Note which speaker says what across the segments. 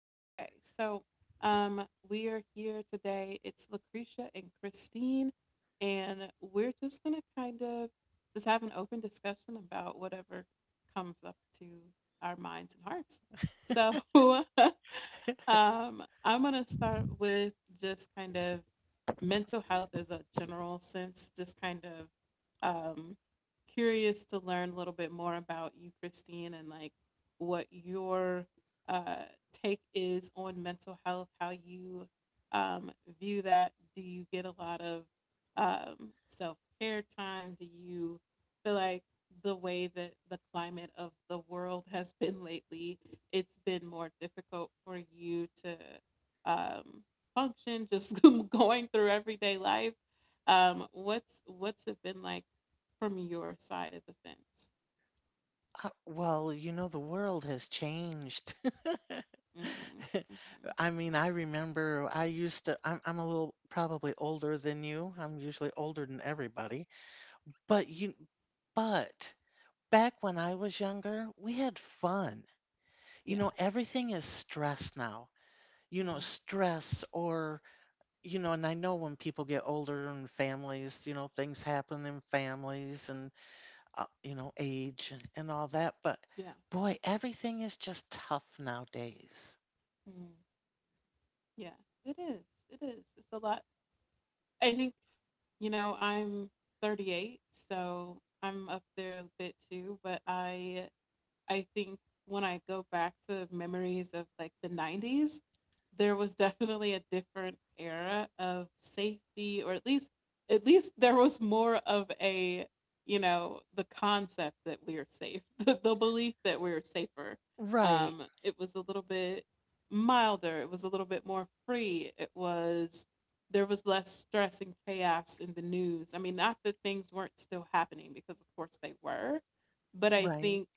Speaker 1: Okay, so we are here today. It's Lucretia and Christine, and we're just gonna kind of just have an open discussion about whatever comes up to our minds and hearts. So, I'm gonna start with just kind of mental health as a general sense. Just kind of um, curious to learn a little bit more about you, Christine, and like what your uh, take is on mental health, how you um, view that. Do you get a lot of self care time? Do you feel like the way that the climate of the world has been lately, it's been more difficult for you to um, function just going through everyday life? What's it been like from your side of the fence?
Speaker 2: Well, you know, the world has changed.
Speaker 1: Mm-hmm. Mm-hmm.
Speaker 2: I mean, I remember I used to, I'm a little probably older than you. I'm usually older than everybody. But you, but back when I was younger, we had fun. You
Speaker 1: Yeah.
Speaker 2: know, everything is stress now. You know,
Speaker 1: Mm,
Speaker 2: stress or, you know, and I know when people get older and families, you know, things happen in families and you know, age and all that. But
Speaker 1: yeah.
Speaker 2: boy, everything is just tough nowadays.
Speaker 1: Mm. Yeah, it is. It is. It's a lot. I think, you know, I'm 38, so I'm up there a bit too, but I think when I go back to memories of like the 90s, there was definitely a different era of safety, or at least there was more of a, the concept that we are safe, the belief that we are safer.
Speaker 2: Right,
Speaker 1: It was a little bit milder, it was a little bit more free, it was there was less stress and chaos in the news. I mean, not that things weren't still happening, because of course they were, but I
Speaker 2: right.
Speaker 1: think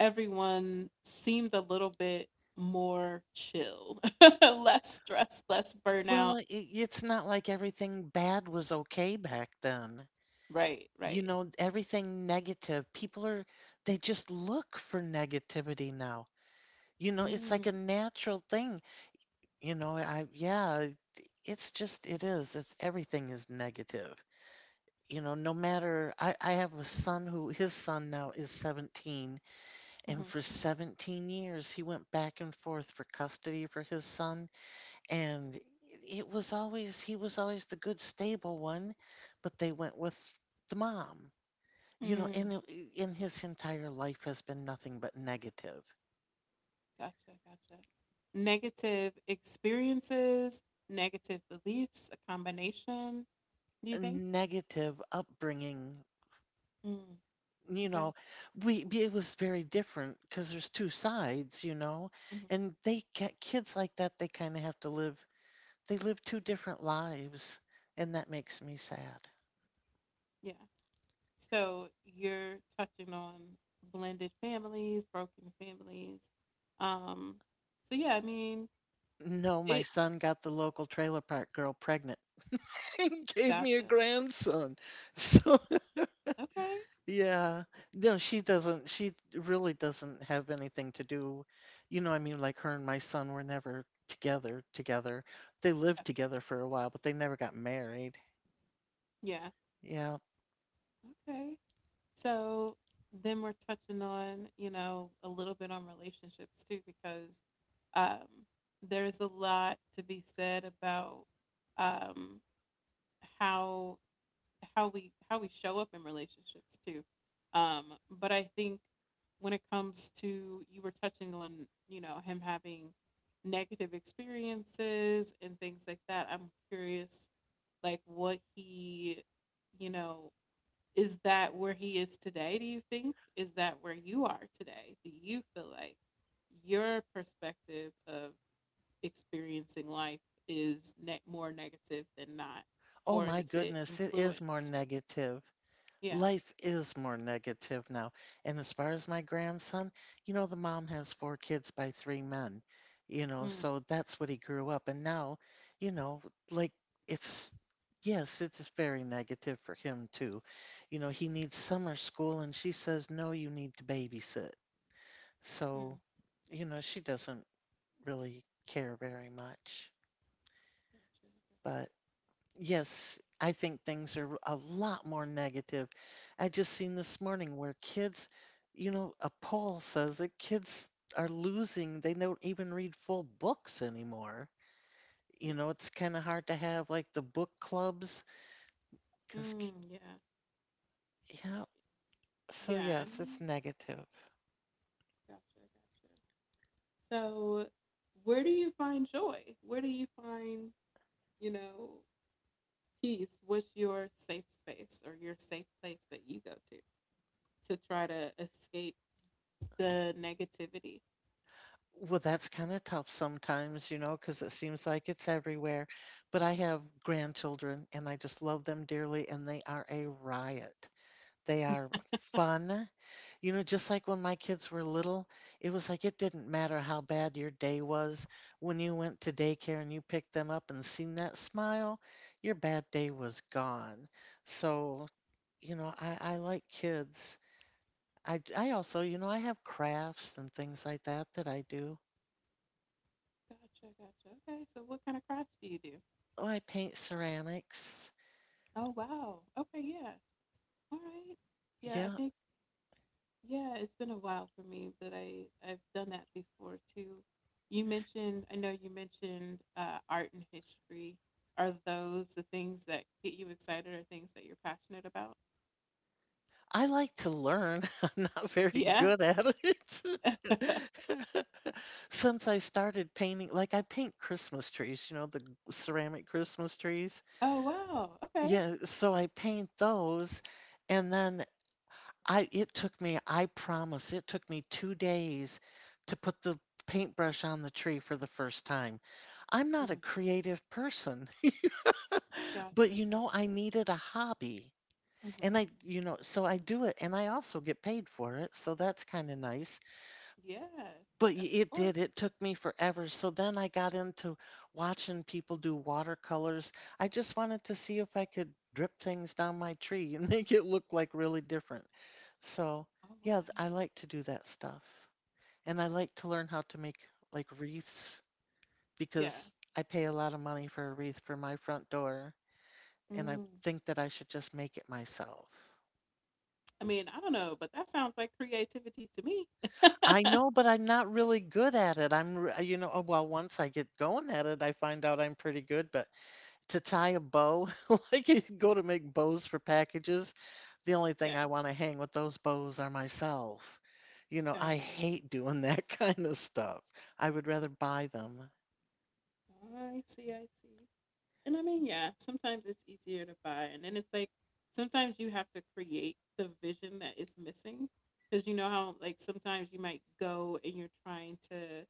Speaker 1: everyone seemed a little bit more chill, less stressed, less
Speaker 2: Well,
Speaker 1: burnout.
Speaker 2: it's not like everything bad was okay back then.
Speaker 1: Right,
Speaker 2: You
Speaker 1: right.
Speaker 2: know, everything negative, people are, they just look for negativity now. You know, it's like
Speaker 1: Mm,
Speaker 2: a natural thing. You know, I, yeah, it's just, it is. It's everything is negative. You know, no matter, I have a son who, his son now is 17. And
Speaker 1: hmm,
Speaker 2: for 17 years, he went back and forth for custody for his son. And it was always, he was always the good, stable one, but they went with the mom. You know,
Speaker 1: mm.
Speaker 2: and in his entire life has been nothing but negative,
Speaker 1: Gotcha, gotcha. Negative experiences, negative beliefs, a combination, do you think?
Speaker 2: negative upbringing.
Speaker 1: Mm,
Speaker 2: You
Speaker 1: okay.
Speaker 2: know, we it was very different because there's two sides, you know,
Speaker 1: Hmm.
Speaker 2: and they get kids like that. They kind of have to live. They live two different lives, and that makes me sad.
Speaker 1: Yeah. So you're touching on blended families, broken families. Um, so yeah, I mean,
Speaker 2: No, my
Speaker 1: it,
Speaker 2: son got the local trailer park girl pregnant and gave me a
Speaker 1: gotcha.
Speaker 2: grandson. So,
Speaker 1: Okay.
Speaker 2: yeah. No, she really doesn't have anything to do. You know, I mean, like her and my son were never together, together. They lived
Speaker 1: Gotcha.
Speaker 2: together for a while, but they never got married.
Speaker 1: Yeah.
Speaker 2: Yeah.
Speaker 1: Okay. So then we're touching on, you know, a little bit on relationships too, because um, there's a lot to be said about, um, how how we show up in relationships too. Um, but I think when it comes to, you were touching on, you know, him having negative experiences and things like that, I'm curious like you know, is that where he is today, do you think? Is that where you are today? Do you feel like your perspective of experiencing life is more negative than not,
Speaker 2: Oh
Speaker 1: or
Speaker 2: my
Speaker 1: is it
Speaker 2: goodness, it is more
Speaker 1: influence?
Speaker 2: negative.
Speaker 1: Yeah.
Speaker 2: Life is more negative now. And as far as my grandson, you know, the mom has four kids by three men, you know,
Speaker 1: Mm,
Speaker 2: so that's what he grew up. And now, you know, like it's, yes, it's very negative for him too. You know, he needs summer school and she says, no, you need to babysit. So,
Speaker 1: mm.
Speaker 2: you know, she doesn't really care very much.
Speaker 1: Gotcha,
Speaker 2: But
Speaker 1: gotcha.
Speaker 2: yes, I think things are a lot more negative. I just seen this morning where kids, you know, a poll says that kids are losing, they don't even read full books anymore. You
Speaker 1: Yeah.
Speaker 2: know, it's kind of hard to have like the book clubs because,
Speaker 1: Mm, yeah,
Speaker 2: yeah, so
Speaker 1: yeah. I
Speaker 2: yes, it's
Speaker 1: mean,
Speaker 2: negative.
Speaker 1: gotcha, gotcha. So where do you find joy, where do you find, you know, peace? What's your safe space or your safe place that you go to try to escape the negativity?
Speaker 2: Well, that's kind of tough sometimes, you know, because it seems like it's everywhere. But I have grandchildren and I just love them dearly, and they are a riot. They are fun. You know, just like when my kids were little, it was like it didn't matter how bad your day was. When you went to daycare and you picked them up and seen that smile, your bad day was gone. So, you know, I like kids. I also, you know, I have crafts and things like that that I do.
Speaker 1: Gotcha, gotcha. Okay, so what kind of crafts do you do?
Speaker 2: Oh, I paint ceramics.
Speaker 1: Oh, wow. Okay, yeah. All right. Yeah, I
Speaker 2: Yeah,
Speaker 1: think, yeah, it's been a while for me, but I've done that before too. I know you mentioned art and history. Are those the things that get you excited or things that you're passionate about?
Speaker 2: I like to learn. I'm not very
Speaker 1: Yeah.
Speaker 2: good at it. Since I started painting, like I paint Christmas trees, you know, the ceramic Christmas trees.
Speaker 1: Oh, wow. Okay.
Speaker 2: Yeah, so I paint those and then I it took me, I promise, it took me 2 days to put the paintbrush on the tree for the first time. I'm not a
Speaker 1: Mm.
Speaker 2: creative person,
Speaker 1: Gotcha,
Speaker 2: but you
Speaker 1: gotcha.
Speaker 2: know I needed a hobby. And
Speaker 1: Hmm.
Speaker 2: I you know, so I do it, and I also get paid for it, so that's kinda nice.
Speaker 1: Yeah,
Speaker 2: But y
Speaker 1: of
Speaker 2: it did,
Speaker 1: course.
Speaker 2: it took me forever, so then I got into watching people do watercolors. I just wanted to see if I could drip things down my tree and make it look, like, really different. So,
Speaker 1: Oh, wow.
Speaker 2: yeah, th I like to do that stuff. And I like to learn how to make, like, wreaths
Speaker 1: Yeah.
Speaker 2: because I pay a lot of money for a wreath for my front door, and I
Speaker 1: Mm.
Speaker 2: think that I should just make it myself.
Speaker 1: I mean, I don't know, but that sounds like creativity to me.
Speaker 2: I know, but I'm not really good at it. I'm, r You know, oh, well, once I get going at it, I find out I'm pretty good, but to tie a bow, like you go to make bows for packages, the only thing I
Speaker 1: Yeah.
Speaker 2: wanna hang with those bows are myself. You know,
Speaker 1: Gotcha.
Speaker 2: I hate doing that kind of stuff. I would rather buy them.
Speaker 1: I see, I see. And I mean, yeah, sometimes it's easier to buy. And then it's like, sometimes you have to create the vision that is missing. Because you know how, like, sometimes you might go and you're trying to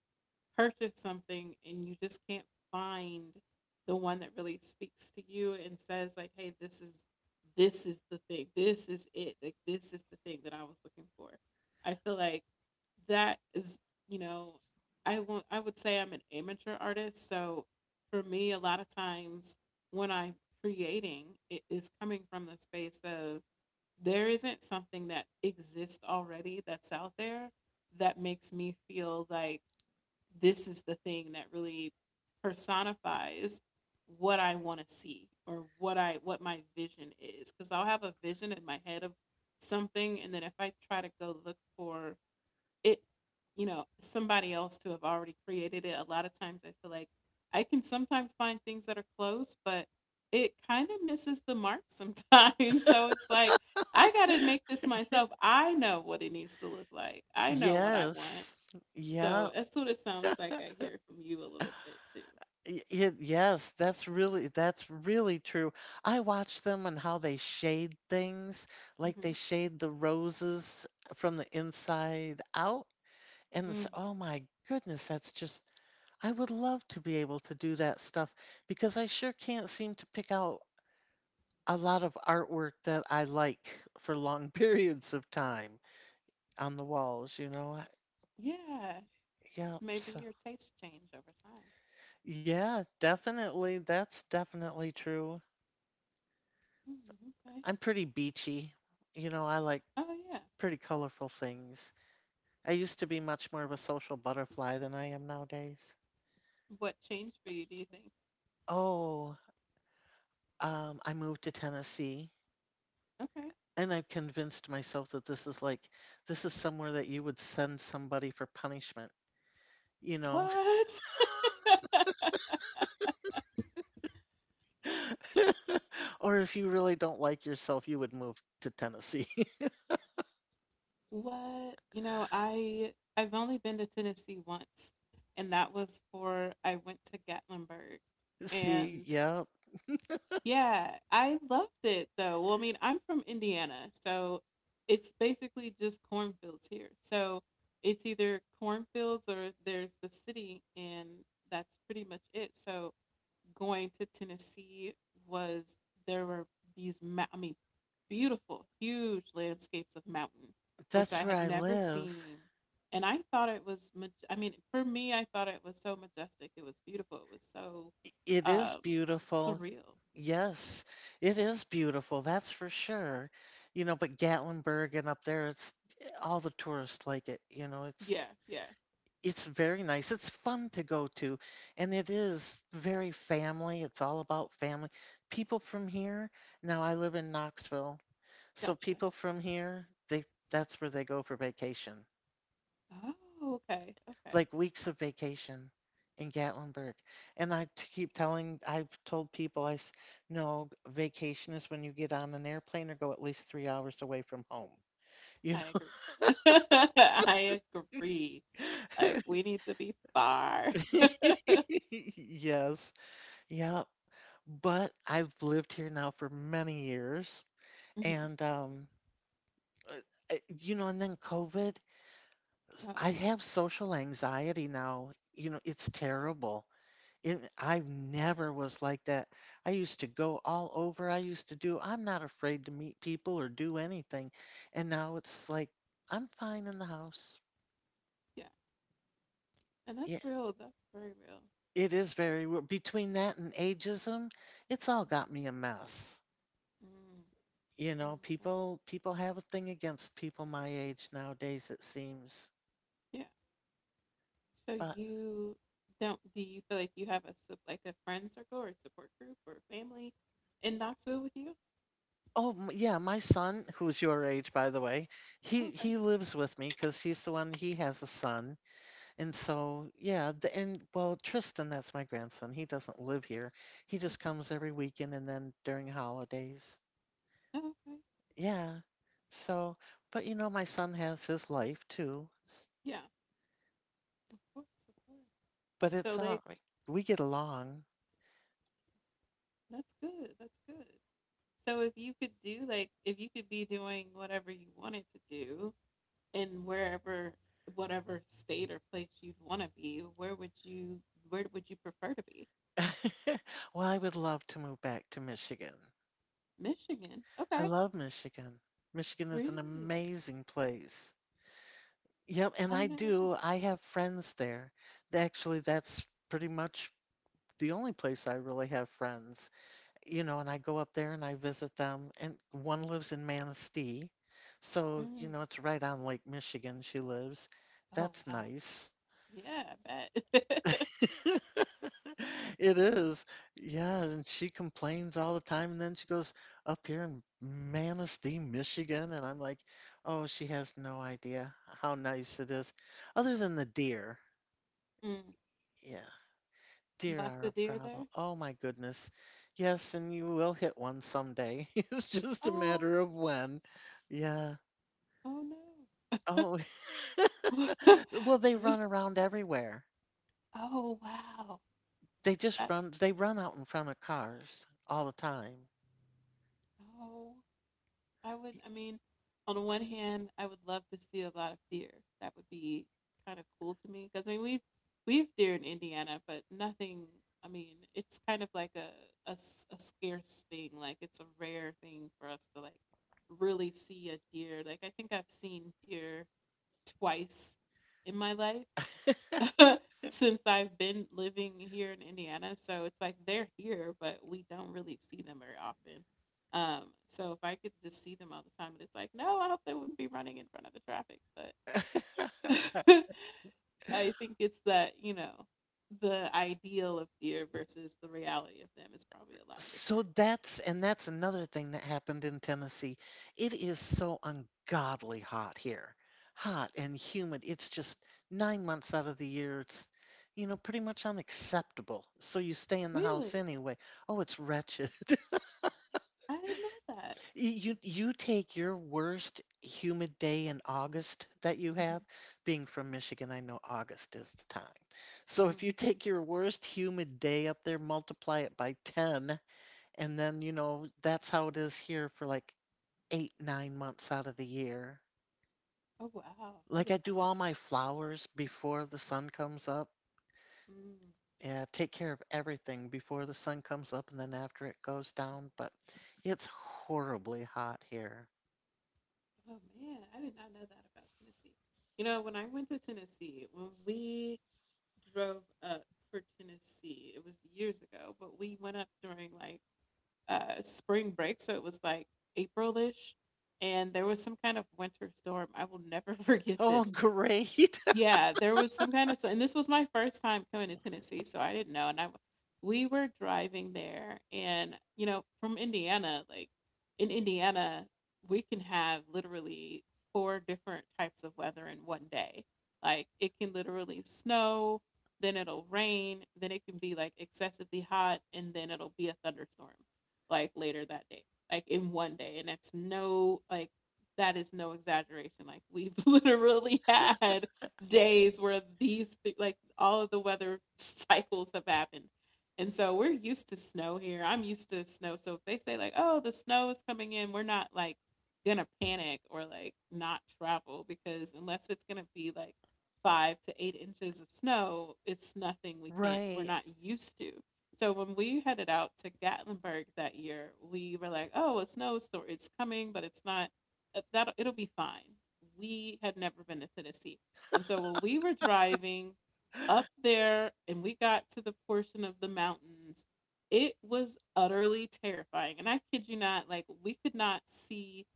Speaker 1: purchase something and you just can't find the one that really speaks to you and says like, "Hey, this is, this is the thing. This is it. Like, this is the thing that I was looking for." I feel like that is, you know, I won't, I would say I'm an amateur artist, so for me a lot of times when I'm creating, it is coming from the space of, there isn't something that exists already that's out there that makes me feel like this is the thing that really personifies what I want to see, or what I, what my vision is, because I'll have a vision in my head of something, and then if I try to go look for it, you know, somebody else to have already created it, a lot of times I feel like I can sometimes find things that are close, but it kind of misses the mark sometimes. So it's like, I got to make this myself. I know what it needs to look like, I know what I want.
Speaker 2: Yes. Yeah.
Speaker 1: So as soon as, sounds like I hear from you a little bit too.
Speaker 2: Yes, that's really true. I watch them and how they shade things, like they
Speaker 1: Hmm.
Speaker 2: shade the roses from the inside out, and it's,
Speaker 1: Mm.
Speaker 2: oh my goodness, that's just I would love to be able to do that stuff because I sure can't seem to pick out a lot of artwork that I like for long periods of time on the walls, you know.
Speaker 1: Yeah,
Speaker 2: Yeah,
Speaker 1: maybe
Speaker 2: so
Speaker 1: your taste change over time.
Speaker 2: yeah, definitely, that's definitely true.
Speaker 1: Mm, okay.
Speaker 2: I'm pretty beachy. You know, I like
Speaker 1: Oh yeah.
Speaker 2: pretty colorful things. I used to be much more of a social butterfly than I am nowadays.
Speaker 1: What changed for you, do you think?
Speaker 2: Oh, I moved to Tennessee
Speaker 1: Okay.
Speaker 2: and I've convinced myself that this is like, this is somewhere that you would send somebody for punishment, you know?
Speaker 1: What?
Speaker 2: Or if you really don't like yourself, you would move to Tennessee.
Speaker 1: What? You know, I've only been to Tennessee once, and that was for, I went to Gatlinburg,
Speaker 2: See,
Speaker 1: and,
Speaker 2: yeah,
Speaker 1: yeah, I loved it though. Well, I mean, I'm from Indiana, so it's basically just cornfields here. So it's either cornfields or there's the city, and that's pretty much it. So going to Tennessee was, there were these, I mean, beautiful, huge landscapes of mountain, which
Speaker 2: that's
Speaker 1: I
Speaker 2: where
Speaker 1: had
Speaker 2: I
Speaker 1: never
Speaker 2: live.
Speaker 1: seen. And I thought it was, I mean, for me, I thought it was so majestic. It was beautiful. It was so
Speaker 2: It is
Speaker 1: um,
Speaker 2: beautiful.
Speaker 1: surreal.
Speaker 2: Yes, it is beautiful. That's for sure. You know, but Gatlinburg and up there, it's all the tourists like it. You know,
Speaker 1: Yeah, yeah.
Speaker 2: it's very nice. It's fun to go to, and it is very family. It's all about family. People from here, now I live in Knoxville, so
Speaker 1: Gotcha.
Speaker 2: people from here, they that's where they go for vacation.
Speaker 1: Oh, okay, okay.
Speaker 2: Like weeks of vacation in Gatlinburg. And keep telling, I've told people, no, vacation is when you get on an airplane or go at least 3 hours away from home. You
Speaker 1: I agree. I agree. Like, we need to be far.
Speaker 2: know? Yes. Yeah. But I've lived here now for many years.
Speaker 1: Mhm.
Speaker 2: And, uh, you know, and then COVID,
Speaker 1: Oh
Speaker 2: I
Speaker 1: man.
Speaker 2: have social anxiety now. You know, it's terrible. It I never was like that. I used to go all over. I used to do I'm not afraid to meet people or do anything. And now it's like I'm fine in the house.
Speaker 1: Yeah. And that's
Speaker 2: Yeah,
Speaker 1: real. That's very real.
Speaker 2: it is very weird. Between that and ageism, it's all got
Speaker 1: Mhm.
Speaker 2: me a mess.
Speaker 1: Mm,
Speaker 2: You know,
Speaker 1: mm, okay.
Speaker 2: people have a thing against people my age nowadays, it seems.
Speaker 1: Yeah. So
Speaker 2: But
Speaker 1: you don't, do you feel like you have a like a friend circle or support group or family in Knoxville with you?
Speaker 2: oh m- yeah, my son, who's your age by the way, he
Speaker 1: Okay.
Speaker 2: he lives with me because he's the one. He has a son. And
Speaker 1: Hmm.
Speaker 2: so, yeah, the, and well, Tristan, that's my grandson. He doesn't live here. He just
Speaker 1: Hmm.
Speaker 2: comes every weekend and then during holidays.
Speaker 1: Oh, okay.
Speaker 2: Yeah. So, but you know, my son has his life too.
Speaker 1: Yeah. Of course, of course.
Speaker 2: But
Speaker 1: So
Speaker 2: it's
Speaker 1: like,
Speaker 2: all right. We get along.
Speaker 1: that's good, that's good. So if you could do, like, if you could be doing whatever you wanted to do, in wherever, whatever state or place you'd want to be, where would you, where would you prefer to be?
Speaker 2: Well, I would love to move back to Michigan.
Speaker 1: Michigan.
Speaker 2: I
Speaker 1: Okay.
Speaker 2: love Michigan. Michigan is an
Speaker 1: Really?
Speaker 2: amazing place. Yep, and
Speaker 1: I've
Speaker 2: I
Speaker 1: never been.
Speaker 2: do. I have friends there. Actually, that's pretty much the only place I really have friends. You know, and I go up there and I visit them. And one lives in Manistee. So, you
Speaker 1: Mm.
Speaker 2: know, it's right on Lake Michigan she lives.
Speaker 1: Oh
Speaker 2: That's
Speaker 1: wow.
Speaker 2: nice.
Speaker 1: Yeah, I bet.
Speaker 2: It is. Yeah, and she complains all the time and then she goes up here in Manistee, Michigan, and I'm like, "Oh, she has no idea how nice it is other than the deer."
Speaker 1: Mm.
Speaker 2: Yeah. Deer
Speaker 1: Lots
Speaker 2: are
Speaker 1: of
Speaker 2: a
Speaker 1: deer
Speaker 2: problem.
Speaker 1: there.
Speaker 2: Oh my goodness. Yes, and you will hit one someday. It's just a
Speaker 1: Oh,
Speaker 2: matter of when. Yeah.
Speaker 1: oh no.
Speaker 2: Oh, well, they
Speaker 1: We,
Speaker 2: run around everywhere.
Speaker 1: oh wow.
Speaker 2: They just
Speaker 1: That,
Speaker 2: run, they run out in front of cars all the time.
Speaker 1: oh, I would. I mean, on the one hand, I would love to see a lot of deer. That would be kind of cool to me because I mean, we've deer in Indiana, but nothing. I mean, it's kind of like a, a scarce thing. Like, it's a rare thing for us to like really see a deer. Like, I think I've seen deer twice in my life, since I've been living here in Indiana. So it's like they're here, but we don't really see them very often. So if I could just see them all the time, and it's like, no, I hope they wouldn't be running in front of the traffic. But I think it's that, you know, the ideal of deer versus the reality of them is probably a lot
Speaker 2: So
Speaker 1: different. So,
Speaker 2: that's and that's another thing that happened in Tennessee. It is so ungodly hot here. Hot and humid. It's just 9 months out of the year. It's you know pretty much unacceptable. So you stay in the house
Speaker 1: really?
Speaker 2: anyway. Oh, it's wretched.
Speaker 1: I didn't know that.
Speaker 2: You take your worst humid day in August that you have. Being from Michigan, I know August is the time. So if
Speaker 1: Hmm.
Speaker 2: you take your worst humid day up there, multiply it by 10 and then, you know, that's how it is here for like eight, 9 months out of the year.
Speaker 1: Oh, wow. I
Speaker 2: Like I
Speaker 1: did not
Speaker 2: do
Speaker 1: know.
Speaker 2: all
Speaker 1: That.
Speaker 2: my flowers before the sun comes up.
Speaker 1: Mm.
Speaker 2: Yeah, take care of everything before the sun comes up and then after it goes down. But it's horribly hot here.
Speaker 1: Oh man, I did not know that about Tennessee. You know, when I went to Tennessee, when we drove up for Tennessee, it was years ago, but we went up during like spring break, so it was like April ish, and there was some kind of winter storm. I will never forget
Speaker 2: Oh,
Speaker 1: this.
Speaker 2: great.
Speaker 1: Yeah, there was some kind of, so, and this was my first time coming to Tennessee, so I didn't know. And I, we were driving there, and you know, from Indiana, like in Indiana, we can have literally four different types of weather in one day. Like, it can literally snow, then it'll rain, then it can be like excessively hot, and then it'll be a thunderstorm, like later that day, like in one day. And that's no, like, that is no exaggeration. Like, we've literally had days where these like all of the weather cycles have happened. And so we're used to snow here. I'm used to snow. So if they say like, "Oh, the snow is coming in," we're not like gonna panic or like not travel because, unless it's gonna be like 5 to 8 inches of snow, it's nothing we can't, we're
Speaker 2: Right.
Speaker 1: not used to. So when we headed out to Gatlinburg that year, we were like, "Oh, a snow storm. It's coming, but it's not that it'll be fine." We had never been to Tennessee. And so when we were driving up there and we got to the portion of the mountains, it was utterly terrifying. And I kid you not, like we could not see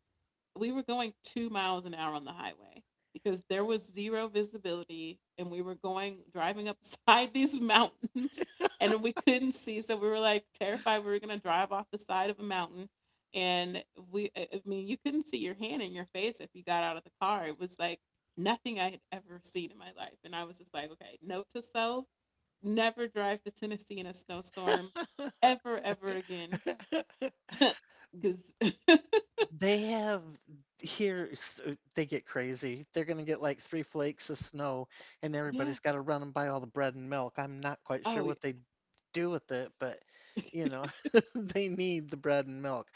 Speaker 1: we were going 2 miles an hour on the highway because there was zero visibility, and we were going driving up side these mountains, and we couldn't see, so we were like terrified we were going to drive off the side of a mountain. And we I mean you couldn't see your hand in your face if you got out of the car. It was like nothing I had ever seen in my life, and I was just like, okay, note to self, never drive to Tennessee in a snowstorm, ever, ever again. Because
Speaker 2: They have they get crazy. They're gonna get like three flakes of snow, and
Speaker 1: yeah.
Speaker 2: everybody's got to run and buy all the bread and milk. I'm not quite sure
Speaker 1: Oh yeah.
Speaker 2: what they do with it, but you know, they need the bread and milk.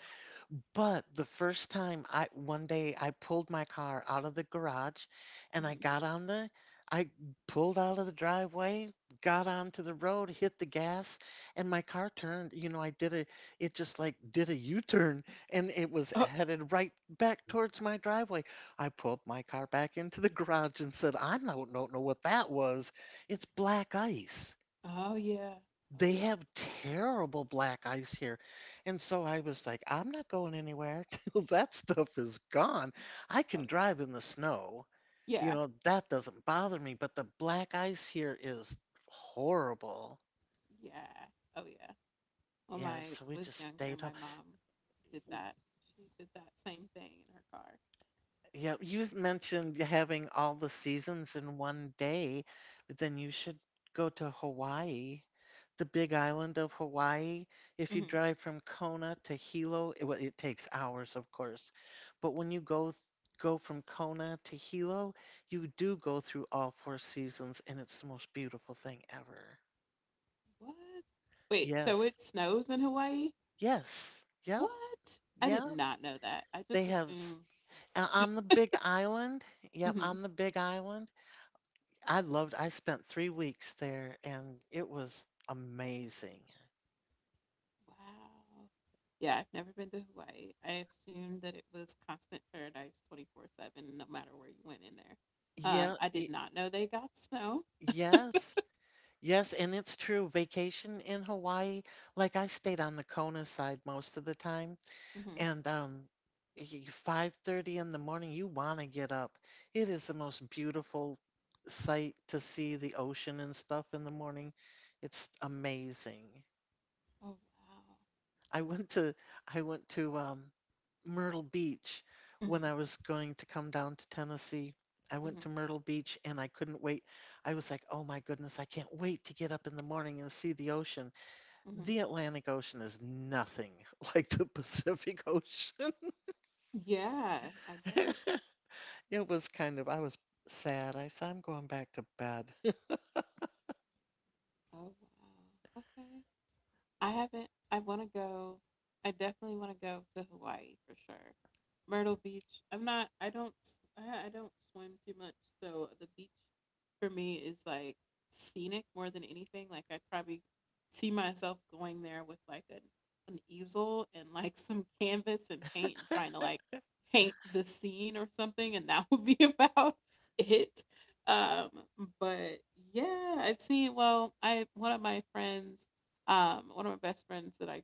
Speaker 2: But the first time I one day I pulled my car out of the garage and
Speaker 1: Mhm.
Speaker 2: I pulled out of the driveway, got onto the road, hit the gas, and my car turned, I did a it just like did a U-turn, and it was headed right back towards my driveway. I pulled my car back into the garage and said, "I don't know what that was. It's black ice."
Speaker 1: Oh yeah. Oh
Speaker 2: They
Speaker 1: yeah.
Speaker 2: have terrible black ice here. And so I was like, I'm not going anywhere till that stuff is gone. I can
Speaker 1: Oh yeah.
Speaker 2: drive in the snow. You
Speaker 1: Yeah.
Speaker 2: know, that doesn't bother me, but the black ice here is horrible.
Speaker 1: Yeah. Oh yeah. When
Speaker 2: Yeah,
Speaker 1: I
Speaker 2: so we
Speaker 1: was
Speaker 2: just
Speaker 1: younger,
Speaker 2: stayed.
Speaker 1: my mom did that. She did that same thing in her car.
Speaker 2: Yeah, you mentioned having all the seasons in one day, but then you should go to Hawaii, the big island of Hawaii. If you
Speaker 1: Hmm.
Speaker 2: drive from Kona to Hilo, well, it takes hours, of course, but when you go go from Kona to Hilo, you do go through all four seasons, and it's the most beautiful thing ever.
Speaker 1: What? Wait, so
Speaker 2: Yes,
Speaker 1: it snows in Hawaii?
Speaker 2: yes, yep,
Speaker 1: What? I did
Speaker 2: yeah.
Speaker 1: not know that. I
Speaker 2: They
Speaker 1: just
Speaker 2: have
Speaker 1: assumed.
Speaker 2: on the big island. Yep,
Speaker 1: Hmm.
Speaker 2: on the big island I spent 3 weeks there, and it was amazing.
Speaker 1: Wow. Yeah, I've never been to Hawaii. I assumed that it was constant paradise 24/7 no matter where you went in there.
Speaker 2: Yeah,
Speaker 1: I did
Speaker 2: it,
Speaker 1: not know they got snow.
Speaker 2: yes. Yes, and it's true. Vacation in Hawaii, like I stayed on the Kona side most of the time,
Speaker 1: Hmm.
Speaker 2: and 5:30 in the morning, you want to get up. It is the most beautiful sight to see the ocean and stuff in the morning. It's amazing.
Speaker 1: Oh wow.
Speaker 2: I went to I went to Myrtle Beach when
Speaker 1: Hmm.
Speaker 2: I was going to come down to Tennessee. I went
Speaker 1: Hmm.
Speaker 2: to Myrtle Beach and I couldn't wait. I was like, "Oh my goodness, I can't wait to get up in the morning and see the ocean."
Speaker 1: Hmm.
Speaker 2: The Atlantic Ocean is nothing like the Pacific Ocean.
Speaker 1: Yeah, I bet.
Speaker 2: It was kind of I was sad. I said, "I'm going back to bed."
Speaker 1: Oh wow. Okay. I haven't. I want to go. I definitely want to go to Hawaii for sure. Myrtle Beach. I'm not. I don't. I don't swim too much, so the beach for me is like scenic more than anything. Like I probably see myself going there with like an easel and like some canvas and paint and trying to like paint the scene or something, and that would be about it. Um, but yeah, I've seen. Well, I one of my friends one of my best friends that I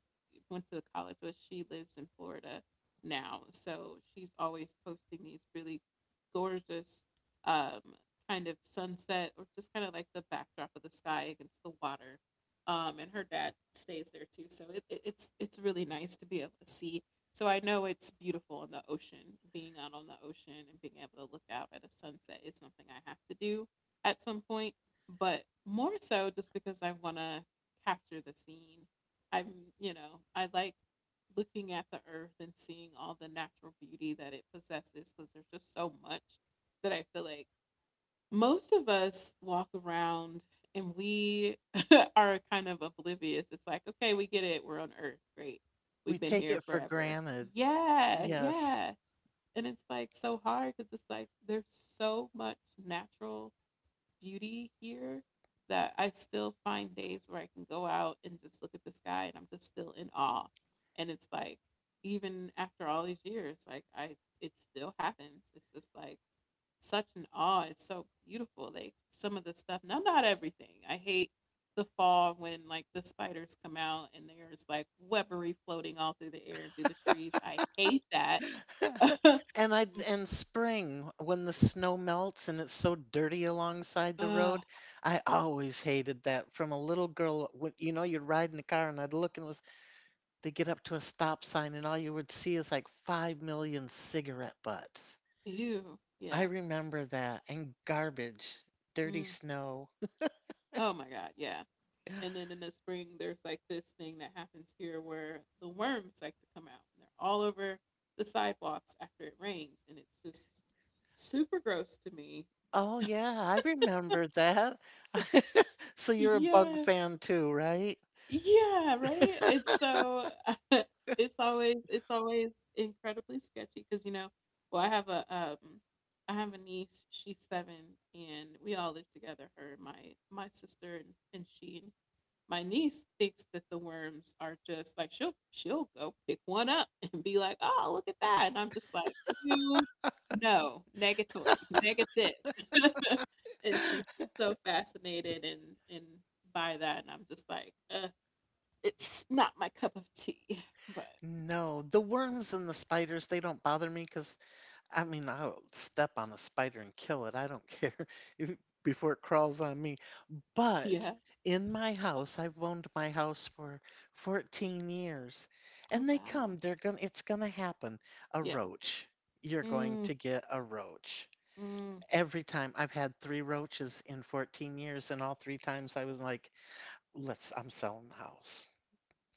Speaker 1: went to college with, she lives in Florida now, so she's always posting these really gorgeous, um, kind of sunset or just kind of like the backdrop of the sky against the water. And her dad stays there too, so it's it's really nice to be able to see. So I know it's beautiful in the ocean. Being out on the ocean and being able to look out at a sunset is something I have to do at some point, but more so just because I want to capture the scene. I'm, I like looking at the earth and seeing all the natural beauty that it possesses, because there's just so much that I feel like most of us walk around and we are kind of oblivious. It's like, okay, we get it. We're on earth. Great.
Speaker 2: We
Speaker 1: We've been
Speaker 2: take
Speaker 1: here
Speaker 2: it for
Speaker 1: forever.
Speaker 2: granted.
Speaker 1: Yeah,
Speaker 2: Yes.
Speaker 1: yeah. And it's like so hard because it's like there's so much natural beauty here that I still find days where I can go out and just look at the sky, and I'm just still in awe. And it's like even after all these years, like I it still happens. It's just like such an awe. It's so beautiful. Like some of the stuff, no, not everything. I hate the fall when like the spiders come out and there's like webbery floating all through the air and through the trees. I hate that.
Speaker 2: And spring when the snow melts and it's so dirty alongside the
Speaker 1: uh,
Speaker 2: road, I always hated that from a little girl when you'd ride in the car and I'd look, and it was they get up to a stop sign and all you would see is like 5 million cigarette butts.
Speaker 1: Ew.
Speaker 2: I
Speaker 1: Yeah.
Speaker 2: remember that and garbage, dirty
Speaker 1: Mm.
Speaker 2: snow.
Speaker 1: Oh my God. Yeah. And then in the spring, there's like this thing that happens here where the worms like to come out, and they're all over the sidewalks after it rains, and it's just super gross to me.
Speaker 2: Oh yeah, I remember that. So you're a bug
Speaker 1: Yeah,
Speaker 2: fan too, right?
Speaker 1: yeah, right. It's so it's always, it's always incredibly sketchy because well, I have a niece. She's seven, and we all live together. Her, and my sister, and she. My niece thinks that the worms are just like she'll go pick one up and be like, "Oh, look at that," and I'm just like, "You no, negatory, negative," and she's just so fascinated and and by that, and I'm just like, "It's not my cup of tea," but
Speaker 2: No, the worms and the spiders, they don't bother me because I mean, I'll step on a spider and kill it. I don't care if, before it crawls on me. But
Speaker 1: yeah,
Speaker 2: in my house, I've owned my house for 14 years,
Speaker 1: oh
Speaker 2: and they
Speaker 1: wow,
Speaker 2: come. They're gonna. It's gonna happen. A
Speaker 1: yeah,
Speaker 2: roach. You're going
Speaker 1: mm,
Speaker 2: to get a roach.
Speaker 1: mm.
Speaker 2: Every time I've had three roaches in 14 years, and all three times I was like, "Let's. I'm selling the house.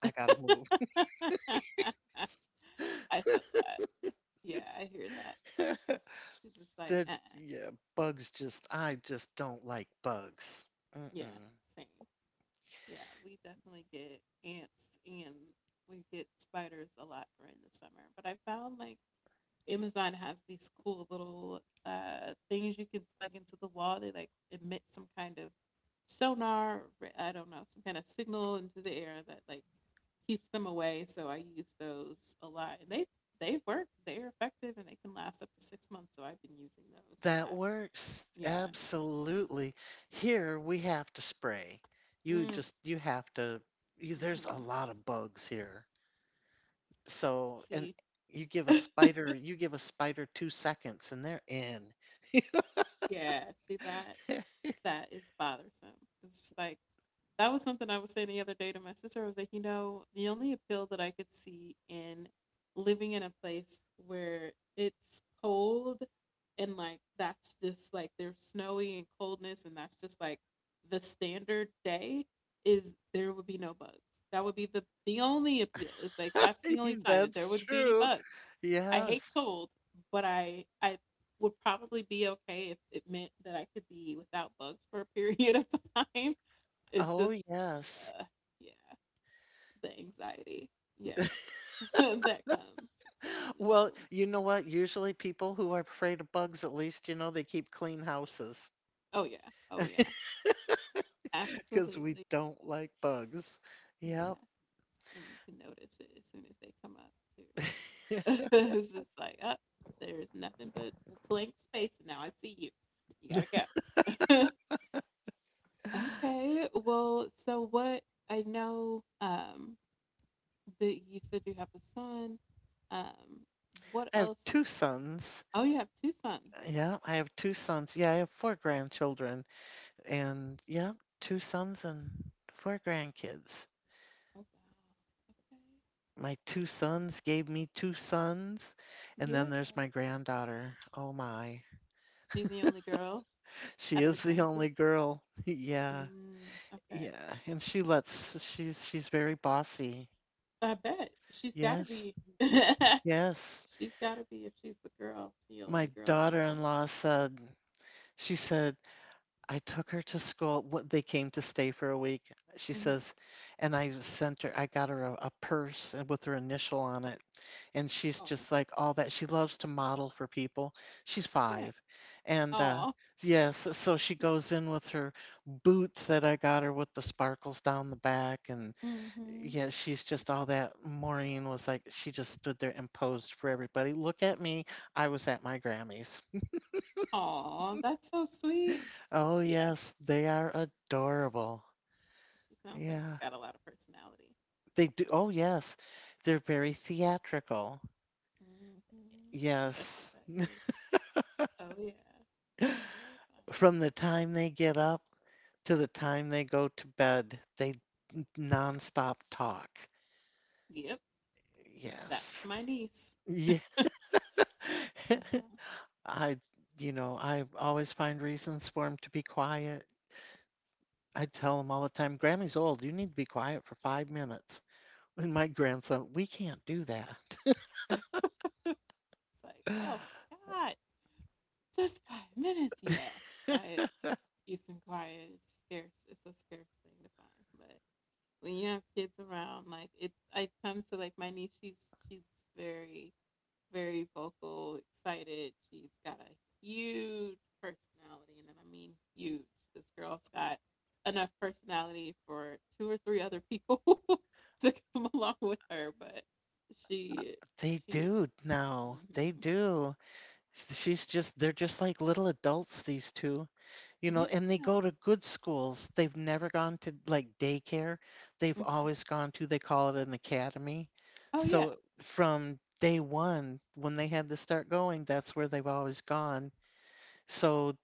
Speaker 2: I gotta move."
Speaker 1: I feel that, yeah, I hear that. It's just like, uh,
Speaker 2: There's,
Speaker 1: uh
Speaker 2: yeah, bugs. Just I just don't like bugs.
Speaker 1: yeah,
Speaker 2: Mm-mm.
Speaker 1: same. Yeah, we definitely get ants, and we get spiders a lot during the summer. But I found like Amazon has these cool little things you can plug into the wall. They like emit some kind of sonar, I don't know, some kind of signal into the air that like keeps them away. So I use those a lot, and they work. They're effective, and they can last up to 6 months. So I've been using those a
Speaker 2: That
Speaker 1: lot.
Speaker 2: works.
Speaker 1: Yeah.
Speaker 2: Absolutely. Here we have to spray. You
Speaker 1: Mm-hmm.
Speaker 2: just. You have to. You, there's a lot of bugs here. So and
Speaker 1: See,
Speaker 2: you give a spider you give a spider 2 seconds and they're in.
Speaker 1: yeah, see that is bothersome. It's like that was something I was saying the other day to my sister. I was like, you know, the only appeal that I could see in living in a place where it's cold and like that's just like there's snowy and coldness, and that's just like the standard day is there would be no bugs. That would be the only appeal. Is like that's the only time that there
Speaker 2: That's
Speaker 1: wouldn't be any
Speaker 2: true.
Speaker 1: bugs. I hate
Speaker 2: Yes.
Speaker 1: cold, but I would probably be okay if it meant that I could be without bugs for a period of time. It's
Speaker 2: Oh,
Speaker 1: just
Speaker 2: yes.
Speaker 1: uh, yeah, the anxiety. Yeah. That comes. It's like
Speaker 2: Well,
Speaker 1: no.
Speaker 2: you know what? Usually people who are afraid of bugs, at least, you know, they keep clean houses
Speaker 1: Oh yeah. Oh yeah.
Speaker 2: because we
Speaker 1: Absolutely.
Speaker 2: don't like bugs.
Speaker 1: Yeah.
Speaker 2: Yep.
Speaker 1: And you can notice it as soon as they come up too. It's just like, oh, there's nothing but blank space, and now I see you. You gotta go. Okay. Well, so what, I know that you said you have a son. Um what
Speaker 2: I have
Speaker 1: else?
Speaker 2: 2 sons.
Speaker 1: Oh, you have two sons.
Speaker 2: Yeah, I have 2 sons. Yeah, I have 4 grandchildren, and yeah, 2 sons and 4 grandkids.
Speaker 1: Oh wow. Okay.
Speaker 2: My
Speaker 1: Well,
Speaker 2: 2 sons gave me 2 sons, and
Speaker 1: yeah.
Speaker 2: then there's my granddaughter. Oh my.
Speaker 1: She's the only girl
Speaker 2: She
Speaker 1: out of the
Speaker 2: is the only
Speaker 1: grandkids.
Speaker 2: girl. Yeah.
Speaker 1: Mm, okay.
Speaker 2: Yeah, and she lets she's very bossy.
Speaker 1: I bet she's got to
Speaker 2: Yes.
Speaker 1: be.
Speaker 2: Yes.
Speaker 1: She's got to be if she's the girl, she's the
Speaker 2: My
Speaker 1: only girl in the bunch.
Speaker 2: daughter-in-law said, she said, I took her to school. What they came to stay for a week. She
Speaker 1: Mhm.
Speaker 2: says, and I sent her. I got her a purse and with her initial on it, and she's
Speaker 1: Oh.
Speaker 2: just like all that. She loves to model for people. She's
Speaker 1: Yeah.
Speaker 2: five, and
Speaker 1: Oh.
Speaker 2: yes, so she
Speaker 1: Yeah.
Speaker 2: goes in with her boots that I got her with the sparkles down the back, and
Speaker 1: Mhm.
Speaker 2: yeah, she's just all that. Maureen was like, she just stood there and posed for everybody. Look at me. I was at my Grammys.
Speaker 1: Oh, that's so sweet.
Speaker 2: Oh
Speaker 1: Yeah.
Speaker 2: yes, they are adorable.
Speaker 1: She sounds like she's
Speaker 2: Yeah.
Speaker 1: got a lot of personality.
Speaker 2: They do oh, yes. They're very theatrical.
Speaker 1: Mm-hmm. Such as
Speaker 2: Yes.
Speaker 1: I is. Oh yeah. Yep, I know.
Speaker 2: From the time they get up to the time they go to bed, they nonstop talk.
Speaker 1: Yep, that's
Speaker 2: Yes.
Speaker 1: my niece.
Speaker 2: Yeah.
Speaker 1: Uh-huh.
Speaker 2: I, I always find reasons for him to be quiet. I tell him all the time, Grammy's old. You need to be quiet for 5 minutes. And my grandson, we can't do that.
Speaker 1: It's like, oh my god, just 5 minutes. Yeah, diet, peace, and quiet is scarce. It's a scarce thing to find. But when you have kids around, like it, I come to like my niece. She's very vocal, excited. She's got a huge personality, and I mean huge. This girl's got enough personality for two or three other people to come along with her, but she
Speaker 2: They do
Speaker 1: she's
Speaker 2: now. They
Speaker 1: hmm
Speaker 2: do. She's just, they're just like little adults, these two, you know, and they
Speaker 1: yeah.
Speaker 2: go to good schools. They've never gone to like daycare. They've
Speaker 1: Hmm.
Speaker 2: always gone to, they call it an academy.
Speaker 1: Oh yeah.
Speaker 2: So from day one, when they had to start going, that's where they've always gone. So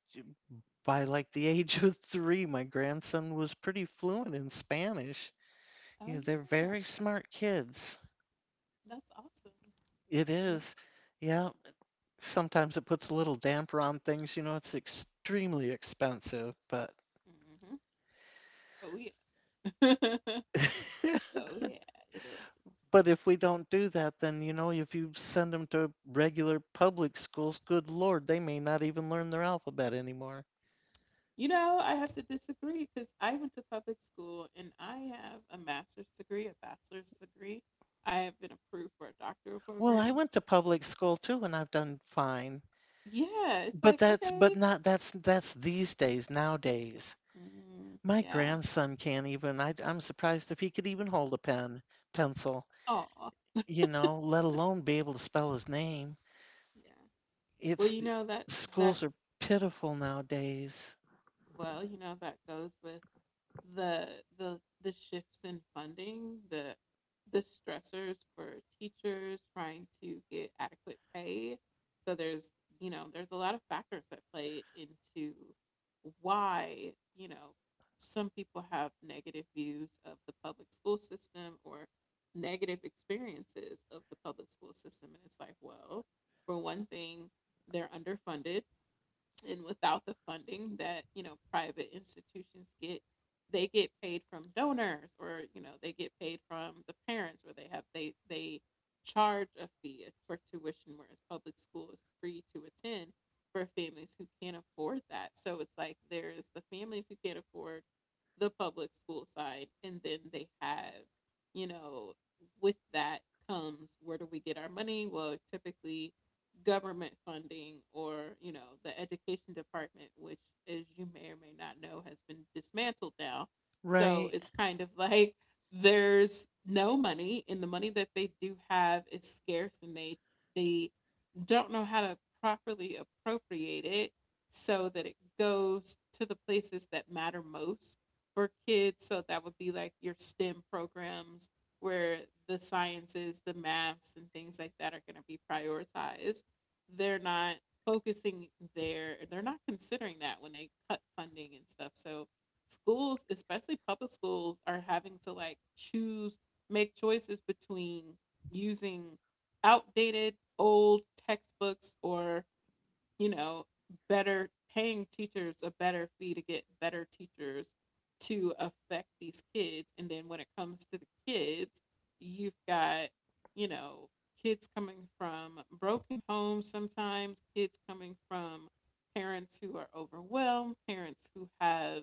Speaker 2: by like the age of three, my grandson was pretty fluent in Spanish. You know,
Speaker 1: Oh
Speaker 2: they're
Speaker 1: yeah.
Speaker 2: very smart kids.
Speaker 1: That's awesome.
Speaker 2: It
Speaker 1: Yeah.
Speaker 2: is. Yeah, sometimes it puts a little damper on things. You know, it's extremely expensive, but
Speaker 1: Hmm. Oh yeah. Oh yeah. It is.
Speaker 2: but if we don't do that, then you know, if you send them to regular public schools, good lord, they may not even learn their alphabet anymore.
Speaker 1: You know, I have to disagree because I went to public school, and I have a master's degree, a bachelor's degree. I have been approved for a doctoral
Speaker 2: Well, I
Speaker 1: program.
Speaker 2: went to public school too, and I've done fine.
Speaker 1: Yeah, it's
Speaker 2: But
Speaker 1: like
Speaker 2: that's,
Speaker 1: okay,
Speaker 2: but not, that's these days nowadays.
Speaker 1: mm,
Speaker 2: My
Speaker 1: yeah,
Speaker 2: grandson can't even. I'm surprised if he could even hold a pen, pencil.
Speaker 1: oh,
Speaker 2: You know, let alone be able to spell his name.
Speaker 1: yeah. Well,
Speaker 2: It's
Speaker 1: you know that that
Speaker 2: Schools are pitiful nowadays.
Speaker 1: well, you know that goes with the the shifts in funding, the stressors for teachers trying to get adequate pay. So there's, you know, there's a lot of factors that play into why, you know, some people have negative views of the public school system or negative experiences of the public school system, and it's like, well, for one thing, they're underfunded. And without the funding that, you know, private institutions get, they get paid from donors, or, you know, they get paid from the parents, or they have they charge a fee for tuition, whereas public school is free to attend for families who can't afford that. So it's like there's the families who can't afford the public school side, and then they have, you know, with that comes, where do we get our money? Well, typically government funding or, you know, the education department, which, as you may or may not know, has been dismantled now. So
Speaker 2: Right.
Speaker 1: it's kind of like there's no money, and the money that they do have is scarce, and they don't know how to properly appropriate it so that it goes to the places that matter most for kids. So that would be like your STEM programs where the sciences, the maths, and things like that are going to be prioritized. They're not focusing there. They're not considering that when they cut funding and stuff. So schools, especially public schools, are having to like choose, make choices between using outdated old textbooks, or, you know, better paying teachers a better fee to get better teachers to affect these kids. And then when it comes to the kids, you've got, you know, kids coming from broken homes sometimes, kids coming from parents who are overwhelmed, parents who have,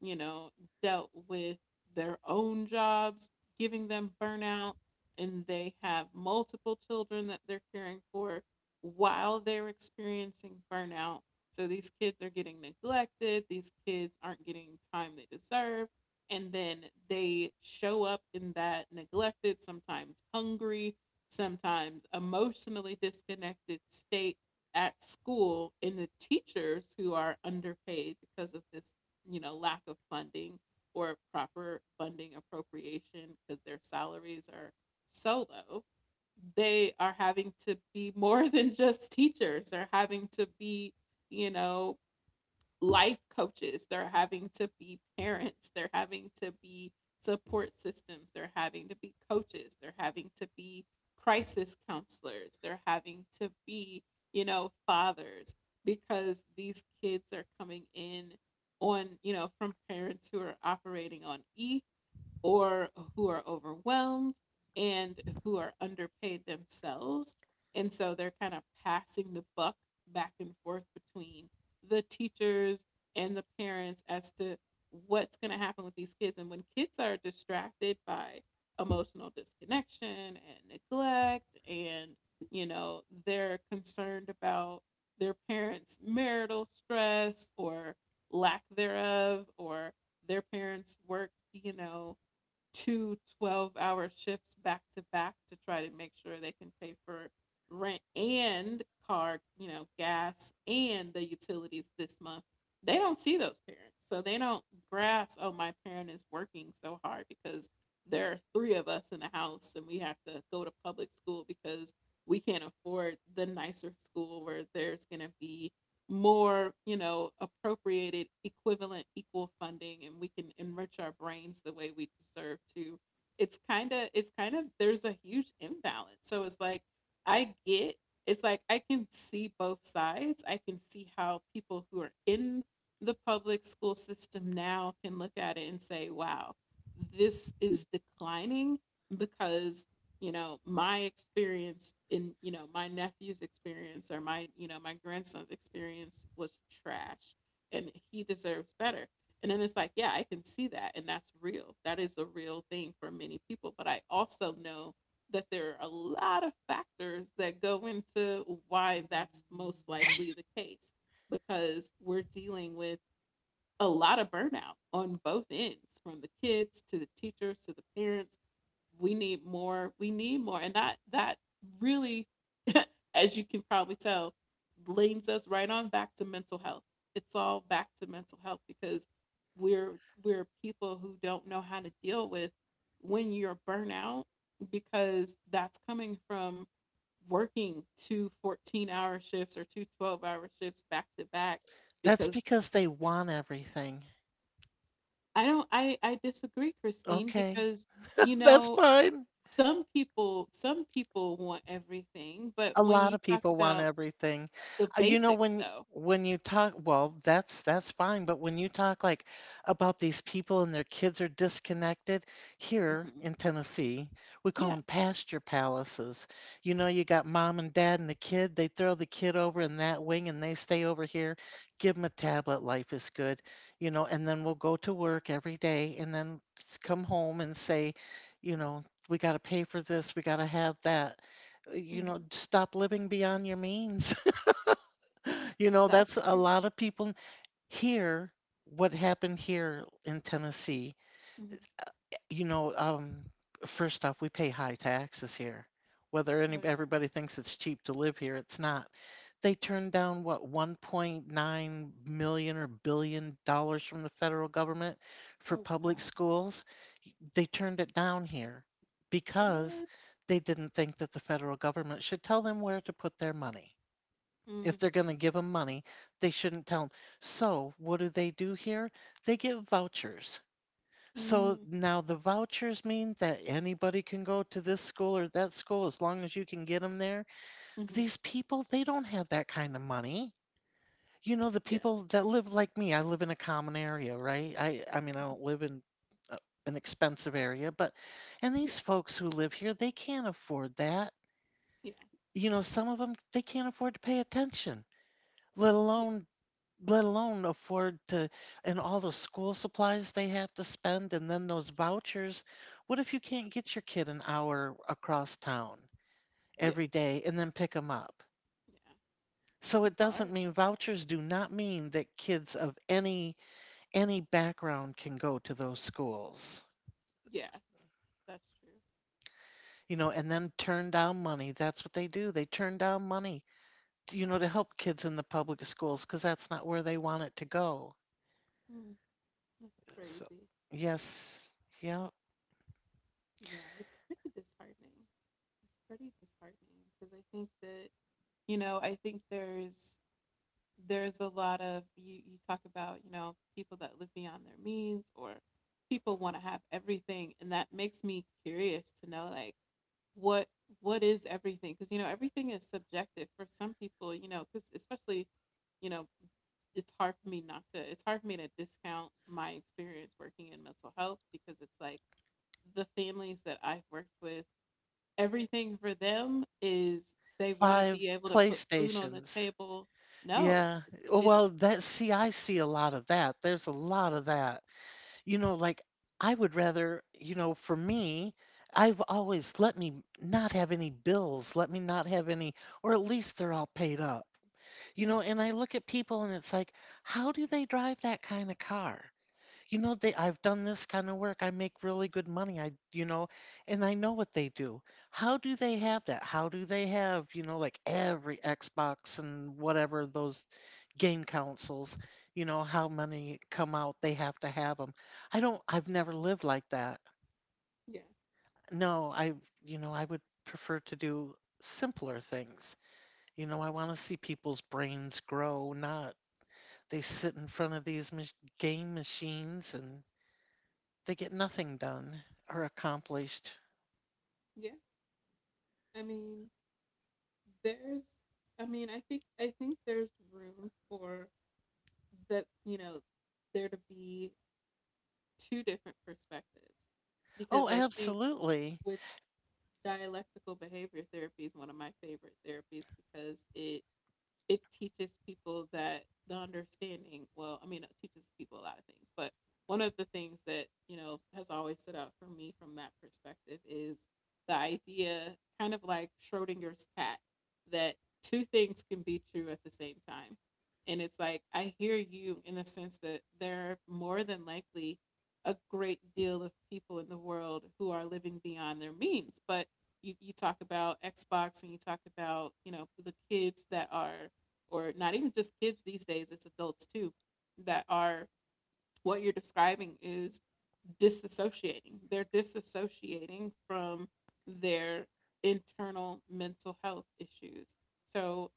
Speaker 1: you know, dealt with their own jobs giving them burnout, and they have multiple children that they're caring for while they're experiencing burnout. So these kids are getting neglected, these kids aren't getting time they deserve, and then they show up in that neglected, sometimes hungry, sometimes emotionally disconnected state at school, and the teachers, who are underpaid because of this, you know, lack of funding or proper funding appropriation, because their salaries are so low, they are having to be more than just teachers. They're having to be, you know, life coaches. They're having to be parents. They're having to be support systems. They're having to be coaches. They're having to be crisis counselors. They're having to be, fathers because these kids are coming in on, from parents who are operating on E or who are overwhelmed and who are underpaid themselves. And so they're kind of passing the buck back and forth between the teachers and the parents as to what's going to happen with these kids. And when kids are distracted by emotional disconnection and neglect, and, they're concerned about their parents' marital stress or lack thereof, or their parents' work, 2-hour shifts back to back to try to make sure they can pay for rent and car, gas and the utilities this month. They don't see those parents. So they don't grasp, oh, my parent is working so hard because there are three of us in the house and we have to go to public school because we can't afford the nicer school where there's going to be more, appropriated, equivalent, equal funding, and we can enrich our brains the way we deserve to. It's kind of there's a huge imbalance, so it's like I get, it's like I can see both sides. I can see how people who are in the public school system now can look at it and say, wow, this is declining because, my experience in, my nephew's experience, or my, my grandson's experience was trash and he deserves better. And then it's like, yeah, I can see that, and that's real. That is a real thing for many people, but I also know that there are a lot of factors that go into why that's most likely the case, because we're dealing with a lot of burnout on both ends, from the kids to the teachers to the parents. We need more, we need more. And that really as you can probably tell leans us right on back to mental health. It's all back to mental health because we're we're people who don't know how to deal with when you're burnout, because that's coming from working two 14-hour shifts or two 12-hour shifts back to back,
Speaker 2: That's
Speaker 1: because
Speaker 2: because they want everything.
Speaker 1: I don't I disagree, Christine,
Speaker 2: Okay.
Speaker 1: because, you
Speaker 2: That's
Speaker 1: know
Speaker 2: fine.
Speaker 1: some people want everything, but
Speaker 2: A
Speaker 1: when
Speaker 2: lot
Speaker 1: you
Speaker 2: of
Speaker 1: talk
Speaker 2: people want
Speaker 1: about
Speaker 2: everything.
Speaker 1: the
Speaker 2: You know,
Speaker 1: basics
Speaker 2: when
Speaker 1: though.
Speaker 2: when you talk, well, that's fine, but when you talk like about these people and their kids are disconnected, here
Speaker 1: Mhm.
Speaker 2: in Tennessee, we call
Speaker 1: Yeah.
Speaker 2: them pasture palaces. You know, you got mom and dad and the kid, they throw the kid over in that wing and they stay over here. Give them a tablet, life is good, you know, and then we'll go to work every day and then come home and say, you know, we got to pay for this, we got to have that, you know,
Speaker 1: Mhm.
Speaker 2: stop living beyond your means. You know, that's
Speaker 1: That's
Speaker 2: a
Speaker 1: true.
Speaker 2: lot of people here. What happened here in Tennessee?
Speaker 1: Mhm.
Speaker 2: You know, first off, we pay high taxes here. Whether any
Speaker 1: Oh yeah.
Speaker 2: everybody thinks it's cheap to live here, it's not. They turned down what 1.9 million or billion dollars from the federal government for
Speaker 1: Oh
Speaker 2: public
Speaker 1: wow.
Speaker 2: schools. They turned it down here because
Speaker 1: What?
Speaker 2: they
Speaker 1: Yeah.
Speaker 2: didn't think that the federal government should tell them where to put their money.
Speaker 1: Mm,
Speaker 2: If they're going to give them money, they shouldn't tell them. So, what do they do here? They give vouchers. So
Speaker 1: mm,
Speaker 2: now the vouchers mean that anybody can go to this school or that school as long as you can get them there. But
Speaker 1: mm-hmm.
Speaker 2: these people, they don't have that kind of money. You know, the
Speaker 1: Yeah.
Speaker 2: people that live like me, I live in a common area, right? I mean, I don't
Speaker 1: Hmm.
Speaker 2: live in uh, an expensive area, but, and these
Speaker 1: Yeah.
Speaker 2: folks who live here, they can't afford that.
Speaker 1: Yeah.
Speaker 2: You know, some of them, they can't afford to pay attention, let
Speaker 1: Yeah.
Speaker 2: alone let alone afford to, and all the school supplies they have to spend, and then those vouchers. What if you can't get your kid an hour across town
Speaker 1: Yeah.
Speaker 2: every day and then pick them up?
Speaker 1: Yeah.
Speaker 2: So it
Speaker 1: It's
Speaker 2: doesn't
Speaker 1: hard.
Speaker 2: mean vouchers do not mean that kids of any background can go to those schools.
Speaker 1: Yeah. That's true.
Speaker 2: You know, and then turn down money. That's what they do. They turn down money, you know,
Speaker 1: Yeah.
Speaker 2: to help kids in the public schools because that's not where they want it to go.
Speaker 1: Mm, that's
Speaker 2: So,
Speaker 1: crazy.
Speaker 2: yes. Yeah.
Speaker 1: Yeah. It's pretty disheartening. It's pretty disheartening because I think that, I think there's a lot of, you talk about, people that live beyond their means, or people want to have everything, and that makes me curious to know, like, what what is everything, because, everything is subjective for some people, because, especially, you know it's hard for me not to it's hard for me to discount my experience working in mental health, because it's like the families that I've worked with, everything for them is they want to
Speaker 2: 5
Speaker 1: be able to put food on the
Speaker 2: PlayStations.
Speaker 1: table. No,
Speaker 2: Yeah.
Speaker 1: it's
Speaker 2: Oh, well,
Speaker 1: it's
Speaker 2: I see a lot of that. There's a lot of that. You know, like I would rather, you know, for me, I've always let me not have any bills, let me not have any, or at least they're all paid up. You know,
Speaker 1: mhm.
Speaker 2: and I look at people, and it's like, how do they drive that kind of car? You know, they I've done this kind of work. I make really good money. I you know And I know what they do. How do they
Speaker 1: Mhm.
Speaker 2: have that? How do they have, you know, like every Xbox and whatever those game consoles. You know, how many come out? They have to have them. I don't. I've never lived like that.
Speaker 1: Yeah,
Speaker 2: No, I you know I would prefer to do simpler things. You know, I want to see people's brains grow, not they sit in front of these game machines, and they get nothing done or accomplished.
Speaker 1: yeah. I mean, there's. I mean, I think there's room for the, there to be two different perspectives,
Speaker 2: Oh,
Speaker 1: because I think
Speaker 2: absolutely.
Speaker 1: with dialectical behavior therapy is one of my favorite therapies, because it teaches people that the understanding, well, I mean, it teaches people a lot of things, but one of the things that, has always stood out for me from that perspective is the idea, kind of like schrodinger's cat, that two things can be true at the same time. And it's like I hear you in the sense that there are more than likely a great deal of people in the world who are living beyond their means, but, you talk about Xbox, and you talk about, the kids that are, or not even just kids these days, it's adults too, that are, what you're describing is disassociating. They're disassociating from their internal mental health issues. So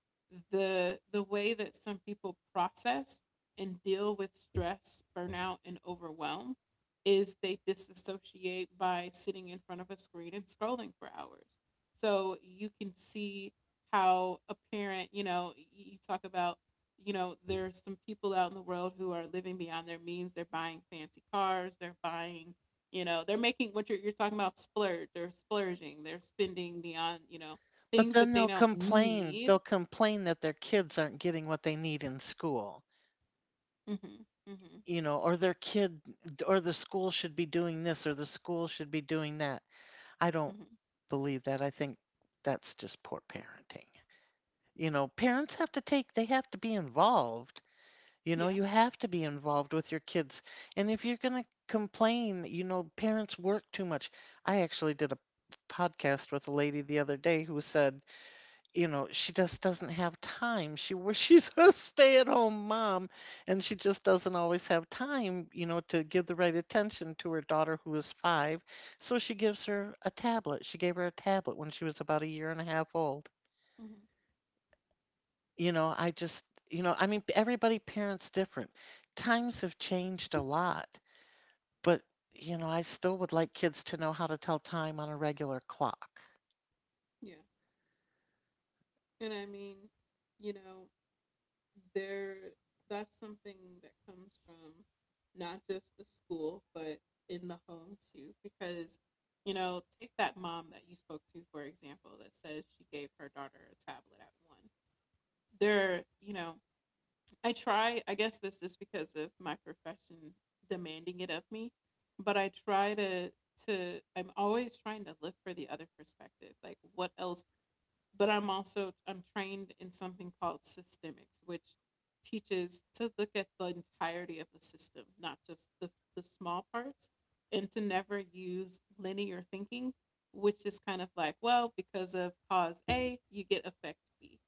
Speaker 1: the way that some people process and deal with stress, burnout, and overwhelm is they disassociate by sitting in front of a screen and scrolling for hours. So you can see how a parent, you talk about, there are some people out in the world who are living beyond their means. They're buying fancy cars. They're buying, they're making what you're, talking about splurge. They're splurging. They're spending beyond,
Speaker 2: But
Speaker 1: things that
Speaker 2: then
Speaker 1: they
Speaker 2: they'll
Speaker 1: don't
Speaker 2: complain.
Speaker 1: need.
Speaker 2: They'll complain that their kids aren't getting what they need in school,
Speaker 1: Hmm. Hmm.
Speaker 2: or their kid or the school should be doing this or the school should be doing that. I don't
Speaker 1: Hmm.
Speaker 2: believe that. I think that's just poor parenting. You know, parents have to take, they have to be involved.
Speaker 1: Yeah.
Speaker 2: You have to be involved with your kids. And if you're going to complain, parents work too much. I actually did a podcast with a lady the other day who said, she just doesn't have time. She's a stay-at-home mom and she just doesn't always have time, to give the right attention to her daughter who is 5. So she gives her a tablet. She gave her a tablet when she was about a year and a half old.
Speaker 1: Hmm.
Speaker 2: You know, I just you know, I mean, everybody parents different. Times have changed a lot, but, I still would like kids to know how to tell time on a regular clock.
Speaker 1: Yeah. And I mean, you know, there that's something that comes from not just the school but in the home too, because, take that mom that you spoke to for example, that says she gave her daughter a tablet at one, there, I guess this just because of my profession demanding it of me, but I'm always trying to look for the other perspective, like what else. But I'm also, I'm trained in something called systemics, which teaches to look at the entirety of the system, not just the, small parts, and to never use linear thinking, which is kind of like, well, because of cause A, you get effect B.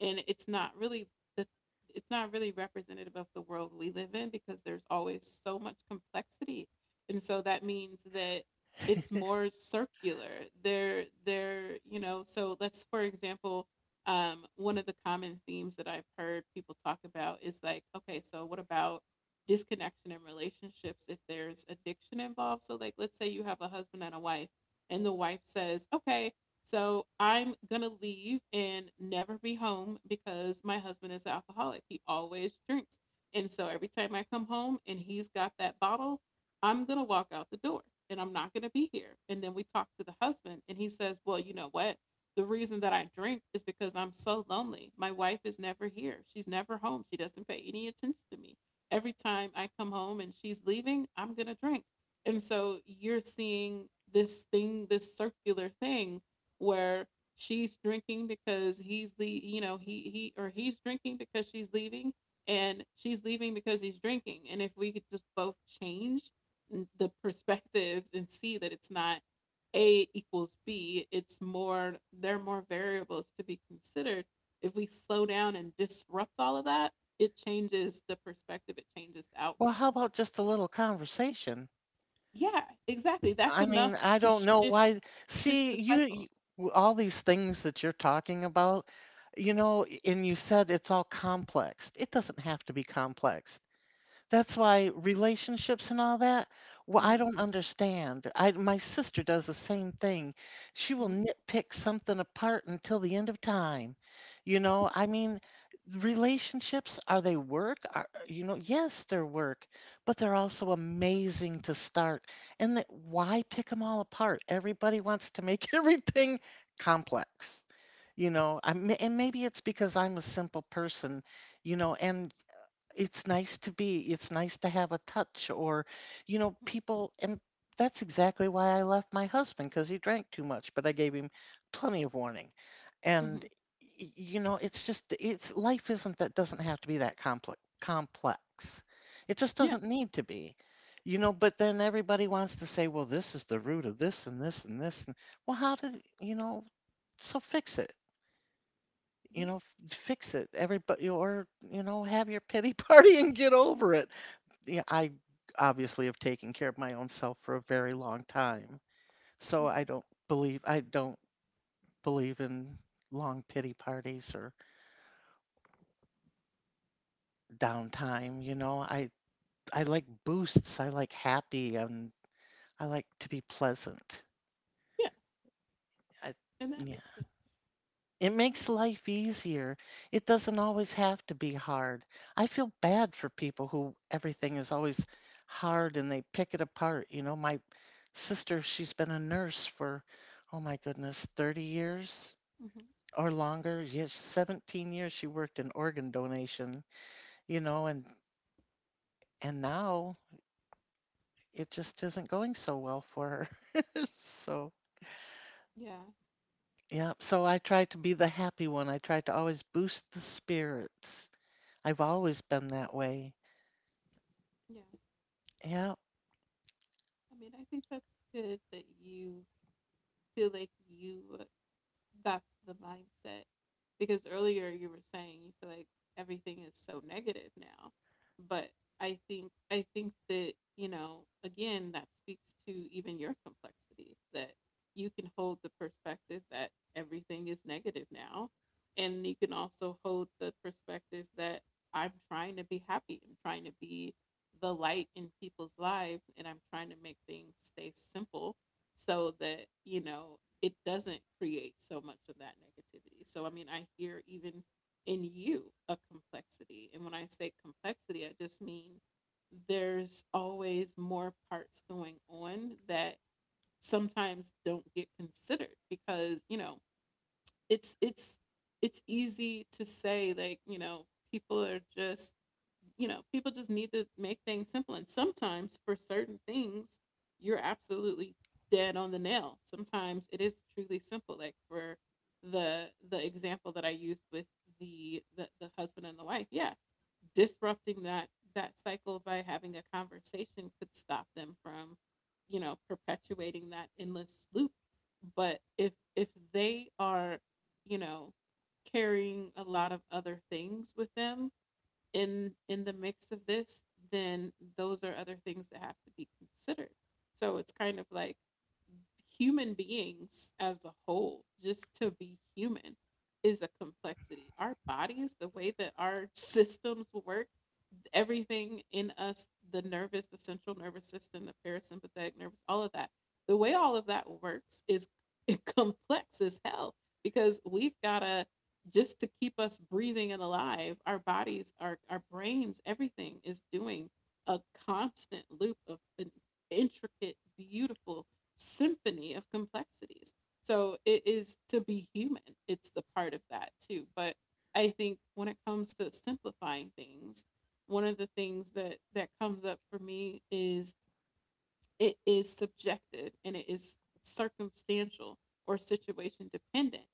Speaker 1: And it's not really the, it's not really representative of the world we live in, because there's always so much complexity. And so that means that it's more circular. They're you know So let's, for example, one of the common themes that I've heard people talk about is like, okay, so what about disconnection in relationships if there's addiction involved? So, like, let's say you have a husband and a wife, and the wife says, okay, so I'm gonna leave and never be home because my husband is an alcoholic. He always drinks. And so every time I come home and he's got that bottle, I'm going to walk out the door and I'm not going to be here. And then we talk to the husband and he says, well, you know what? The reason that I drink is because I'm so lonely. My wife is never here. She's never home. She doesn't pay any attention to me. Every time I come home and she's leaving, I'm going to drink. And so you're seeing this thing, this circular thing, where she's drinking because he's the, or he's drinking because she's leaving, and she's leaving because he's drinking. And if we could just both change the perspectives and see that it's not A equals B. It's more, there are more variables to be considered. If we slow down and disrupt all of that, it changes the perspective, it changes the
Speaker 2: Well, how
Speaker 1: outcome.
Speaker 2: about just a little conversation?
Speaker 1: Yeah, exactly. That's
Speaker 2: I
Speaker 1: enough
Speaker 2: mean, I
Speaker 1: to
Speaker 2: don't know
Speaker 1: shift,
Speaker 2: why.
Speaker 1: the
Speaker 2: see, you you
Speaker 1: cycle.
Speaker 2: w all these things that you're talking about, and you said it's all complex. It doesn't have to be complex. That's why relationships and all that, well, I
Speaker 1: Hmm.
Speaker 2: don't understand. I my sister does the same thing. She will
Speaker 1: Hmm.
Speaker 2: nitpick something apart until the end of time. I mean, relationships, are they work? Yes, they're work, but they're also amazing to start. And that why pick them all apart? Everybody wants to make everything complex you know I and maybe it's because I'm a simple person. And it's nice to have a touch or
Speaker 1: Hmm.
Speaker 2: people. And that's exactly why I left my husband because he drank too much, but I gave him plenty of warning, and
Speaker 1: Hmm.
Speaker 2: it's life isn't, that doesn't have to be that complex. It just
Speaker 1: Yeah,
Speaker 2: doesn't need to be. But then everybody wants to say, well, this is the root of this and this and this, and, well, how did you know? So fix it.
Speaker 1: yeah.
Speaker 2: Fix it, everybody. Or have your pity party and get over it. Yeah, I obviously have taken care of my own self for a very long time. So I
Speaker 1: Hmm.
Speaker 2: don't believe I don't believe in long pity parties or downtime. I like boosts. I like happy and I like to be pleasant.
Speaker 1: Yeah,
Speaker 2: I,
Speaker 1: and that
Speaker 2: yeah.
Speaker 1: makes sense.
Speaker 2: It
Speaker 1: That
Speaker 2: makes
Speaker 1: makes
Speaker 2: life easier. It doesn't always have to be hard. I feel bad for people who everything is always hard and they pick it apart. My sister, she's been a nurse for, oh my goodness, 30 years
Speaker 1: Hmm.
Speaker 2: or longer. Yes, 17 years she worked in organ donation, you know, and and now it just isn't going so well for her. So,
Speaker 1: Yeah,
Speaker 2: yeah, so I try to be the happy one. I try to always boost the spirits. I've always been that way.
Speaker 1: yeah.
Speaker 2: Yeah,
Speaker 1: I mean, I think that's good that you feel like you that's the mindset, because earlier you were saying you feel like everything is so negative now. But I think that, again, that speaks to even your complexity, that you can hold the perspective that everything is negative now, and you can also hold the perspective that I'm trying to be happy. I'm trying to be the light in people's lives, and I'm trying to make things stay simple so that, it doesn't create so much of that negativity. So, I mean, I hear even in you a complexity. And when I say complexity, I just mean there's always more parts going on that sometimes don't get considered, because, it's, it's, it's easy to say, like, people are just, people just need to make things simple. And sometimes for certain things, you're absolutely dead on the nail. Sometimes it is truly simple. Like for the, example that I used with the husband and the wife, yeah, disrupting that cycle by having a conversation could stop them from, perpetuating that endless loop. But if, they are, you know, carrying a lot of other things with them in, the mix of this, then those are other things that have to be considered. So it's kind of like human beings as a whole, just to be human is a complexity. Our bodies, the way that our systems work, everything in us, the nervous, the central nervous system, the parasympathetic nervous, all of that. The way all of that works is complex as hell, because we've got to, just to keep us breathing and alive, our bodies, our brains, everything is doing a constant loop of an intricate, beautiful symphony of complexities. So it is to be human, it's the part of that too. But I think when it comes to simplifying things, one of the things that comes up for me is, it is subjective and it is circumstantial or situation dependent,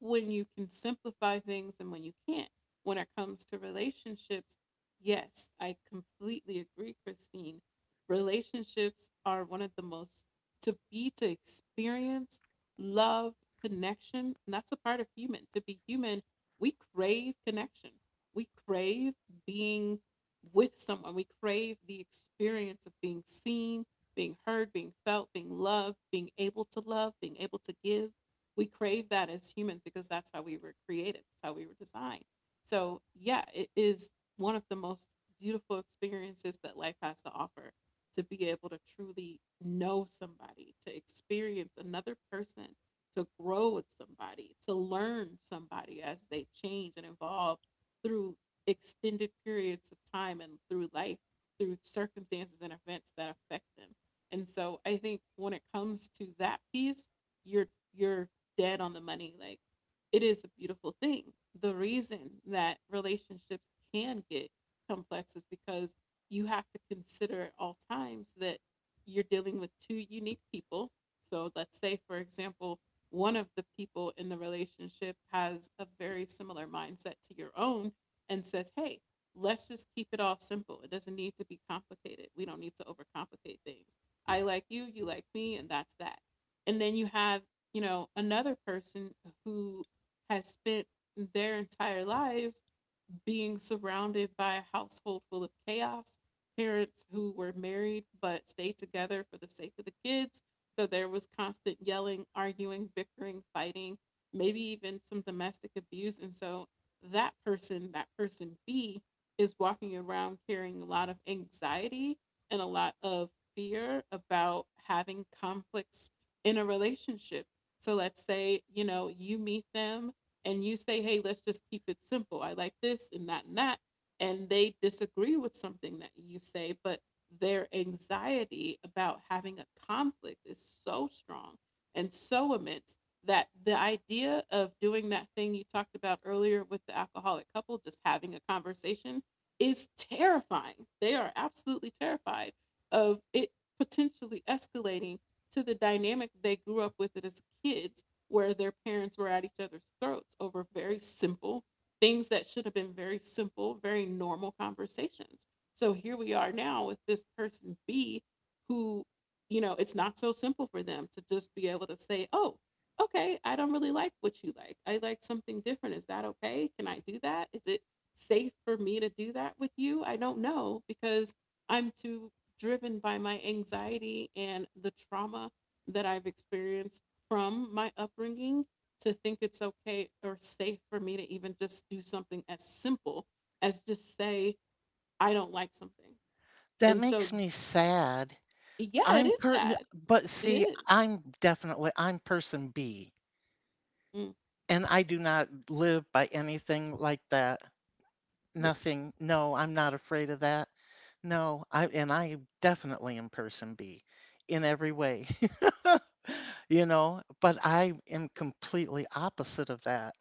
Speaker 1: when you can simplify things and when you can't. When it comes to relationships, yes, I completely agree, Christine. Relationships are one of the most, to be, to experience love, connection. And that's a part of human. To be human, we crave connection. We crave being with someone. We crave the experience of being seen, being heard, being felt, being loved, being able to love, being able to give. We crave that as humans because that's how we were created, that's how we were designed. So, yeah, it is one of the most beautiful experiences that life has to offer, to be able to truly know somebody, to experience another person, to grow with somebody, to learn somebody as they change and evolve through extended periods of time and through life, through circumstances and events that affect them. And so I think when it comes to that piece, you're you're dead on the money. Like, it is a beautiful thing. The reason that relationships can get complex is because you have to consider at all times that you're dealing with two unique people. So let's say, for example, one of the people in the relationship has a very similar mindset to your own and says, hey, let's just keep it all simple. It doesn't need to be complicated. We don't need to overcomplicate things. I like you like me, and that's that. And then you have, you know, another person who has spent their entire lives being surrounded by a household full of chaos, parents who were married but stayed together for the sake of the kids. So there was constant yelling, arguing, bickering, fighting, maybe even some domestic abuse. And so that person B, is walking around carrying a lot of anxiety and a lot of fear about having conflicts in a relationship. So let's say, you know, you meet them and you say, hey, let's just keep it simple. I like this and that and that. And they disagree with something that you say, but their anxiety about having a conflict is so strong and so immense that the idea of doing that thing you talked about earlier with the alcoholic couple, just having a conversation, is terrifying. They are absolutely terrified of it potentially escalating to the dynamic they grew up with it as kids, where their parents were at each other's throats over very simple things that should have been very simple, very normal conversations. So here we are now with this person B who, you know, it's not so simple for them to just be able to say, oh, okay, I don't really like what you like. I like something different. Is that okay? Can I do that? Is it safe for me to do that with you? I don't know, because I'm too driven by my anxiety and the trauma that I've experienced from my upbringing, to think it's okay or safe for me to even just do something as simple as just say I don't like something.
Speaker 2: that
Speaker 1: And so
Speaker 2: makes me sad.
Speaker 1: yeah, it
Speaker 2: I'm
Speaker 1: is
Speaker 2: per
Speaker 1: that.
Speaker 2: But
Speaker 1: It
Speaker 2: see,
Speaker 1: is.
Speaker 2: I'm definitely I'm person B,
Speaker 1: Mm,
Speaker 2: and I do not live by anything like that.
Speaker 1: yeah.
Speaker 2: Nothing. No, I'm not afraid of that. No, I definitely am person B in every way. But I am completely opposite of that.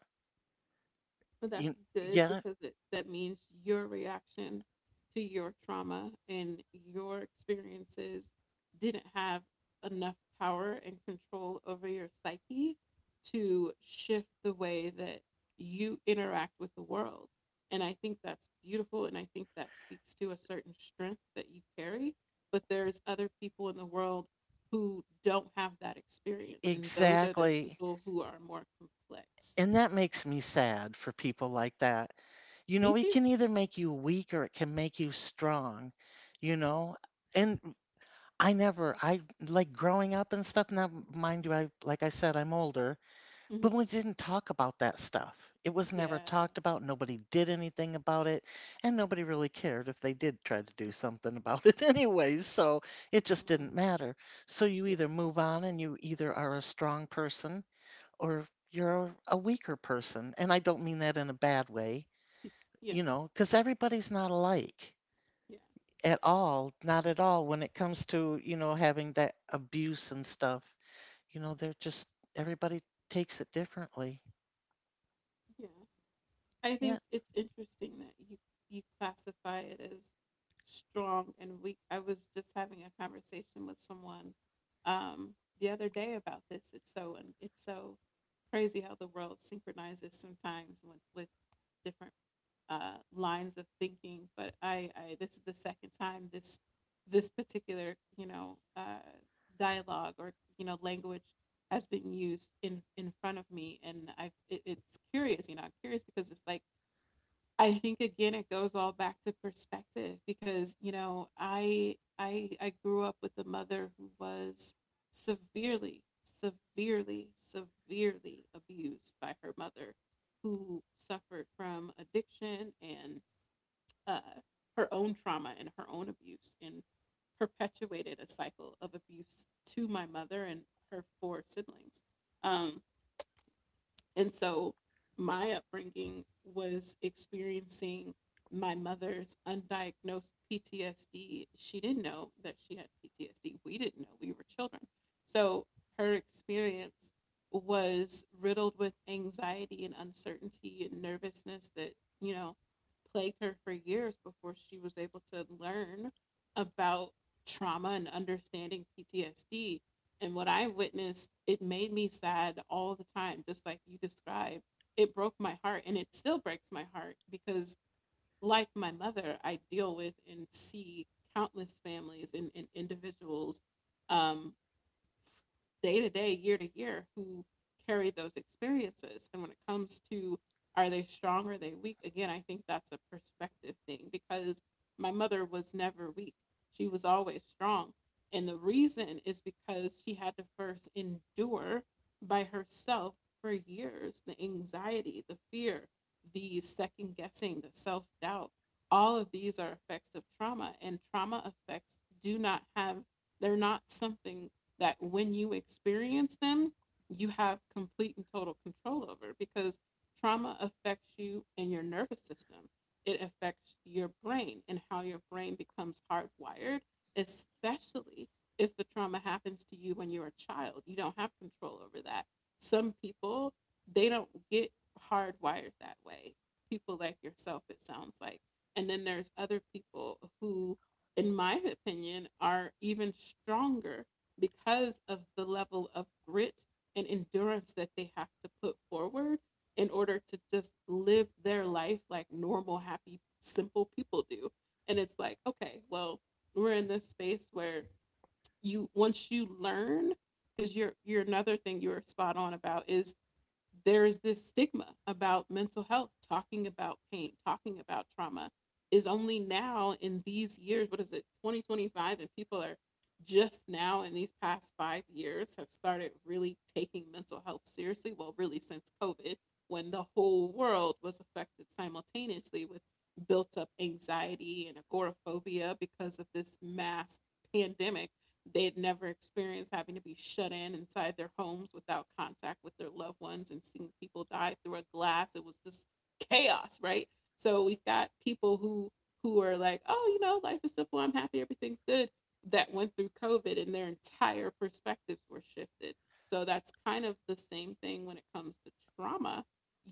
Speaker 1: But that's
Speaker 2: You,
Speaker 1: good
Speaker 2: yeah,
Speaker 1: because it, that means your reaction to your trauma and your experiences didn't have enough power and control over your psyche to shift the way that you interact with the world. And I think that's beautiful. And I think that speaks to a certain strength that you carry. But there's other people in the world who don't have that experience. And those are the
Speaker 2: exactly.
Speaker 1: people who are more complex.
Speaker 2: And that makes me sad for people like that.
Speaker 1: Me
Speaker 2: It
Speaker 1: too.
Speaker 2: can either make you weak or it can make you strong, you know? And I never, I, like growing up and stuff. Now, mind you, I, like I said, I'm older,
Speaker 1: Mm-hmm.
Speaker 2: but we didn't talk about that stuff. It was never
Speaker 1: Yeah.
Speaker 2: talked about. Nobody did anything about it. And nobody really cared if they did try to do something about it anyways. So it just
Speaker 1: Mm,
Speaker 2: didn't matter. So you
Speaker 1: yeah.
Speaker 2: either move on and you either are a strong person or you're a weaker person. And I don't mean that in a bad way,
Speaker 1: Yeah.
Speaker 2: because everybody's not alike
Speaker 1: Yeah.
Speaker 2: at all, not at all when it comes to, having that abuse and stuff. They're just, everybody takes it differently.
Speaker 1: Yeah. I
Speaker 2: Yeah.
Speaker 1: think it's interesting that you classify it as strong and weak. I was just having a conversation with someone um the other day about this. It's so, and it's so crazy how the world synchronizes sometimes with, different lines of thinking. But I this is the second time this particular, you know, dialogue, or, you know, language has been used in front of me, and I, it, it's curious. You know, I'm curious because it's like, I think again it goes all back to perspective because, you know, I grew up with a mother who was severely severely severely abused by her mother, who suffered from addiction and uh, her own trauma and her own abuse, and perpetuated a cycle of abuse to my mother and her four siblings. Um, and so my upbringing was experiencing my mother's undiagnosed PTSD. She didn't know that she had PTSD. We didn't know. We were children. So her experience was riddled with anxiety and uncertainty and nervousness that, you know, plagued her for years before she was able to learn about trauma and understanding PTSD. And what I witnessed, it made me sad all the time, just like you described. It broke my heart, and it still breaks my heart, because like my mother, I deal with and see countless families and, individuals, um, day to day, year to year, who carry those experiences. And when it comes to are they strong or are they weak, again, I think that's a perspective thing because my mother was never weak. She was always strong. And the reason is because she had to first endure by herself for years the anxiety, the fear, the second guessing, the self doubt. All of these are effects of trauma, and trauma effects do not have, they're not something that, when you experience them, you have complete and total control over, because trauma affects you and your nervous system. It affects your brain and how your brain becomes hardwired, especially if the trauma happens to you when you're a child. You don't have control over that. Some people, they don't get hardwired that way. People like yourself, it sounds like. And then there's other people who, in my opinion, are even stronger because of the level of grit and endurance that they have to put forward in order to just live their life like normal, happy, simple people do. And it's like, okay, well, we're in this space where you, once you learn, because you're another thing you were spot on about is, there is this stigma about mental health. Talking about pain, talking about trauma is only now in these years, what is it, 2025, and people are just now in these past 5 years have started really taking mental health seriously. Well, really since COVID, when the whole world was affected simultaneously with built up anxiety and agoraphobia because of this mass pandemic they had never experienced, having to be shut in inside their homes without contact with their loved ones and seeing people die through a glass. It was just chaos, right? So we've got people who are like, oh, you know, life is simple. I'm happy. Everything's good. That went through COVID and their entire perspectives were shifted. So that's kind of the same thing when it comes to trauma.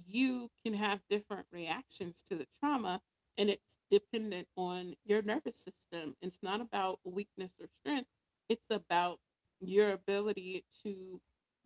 Speaker 1: You can have different reactions to the trauma, and it's dependent on your nervous system. It's not about weakness or strength, it's about your ability to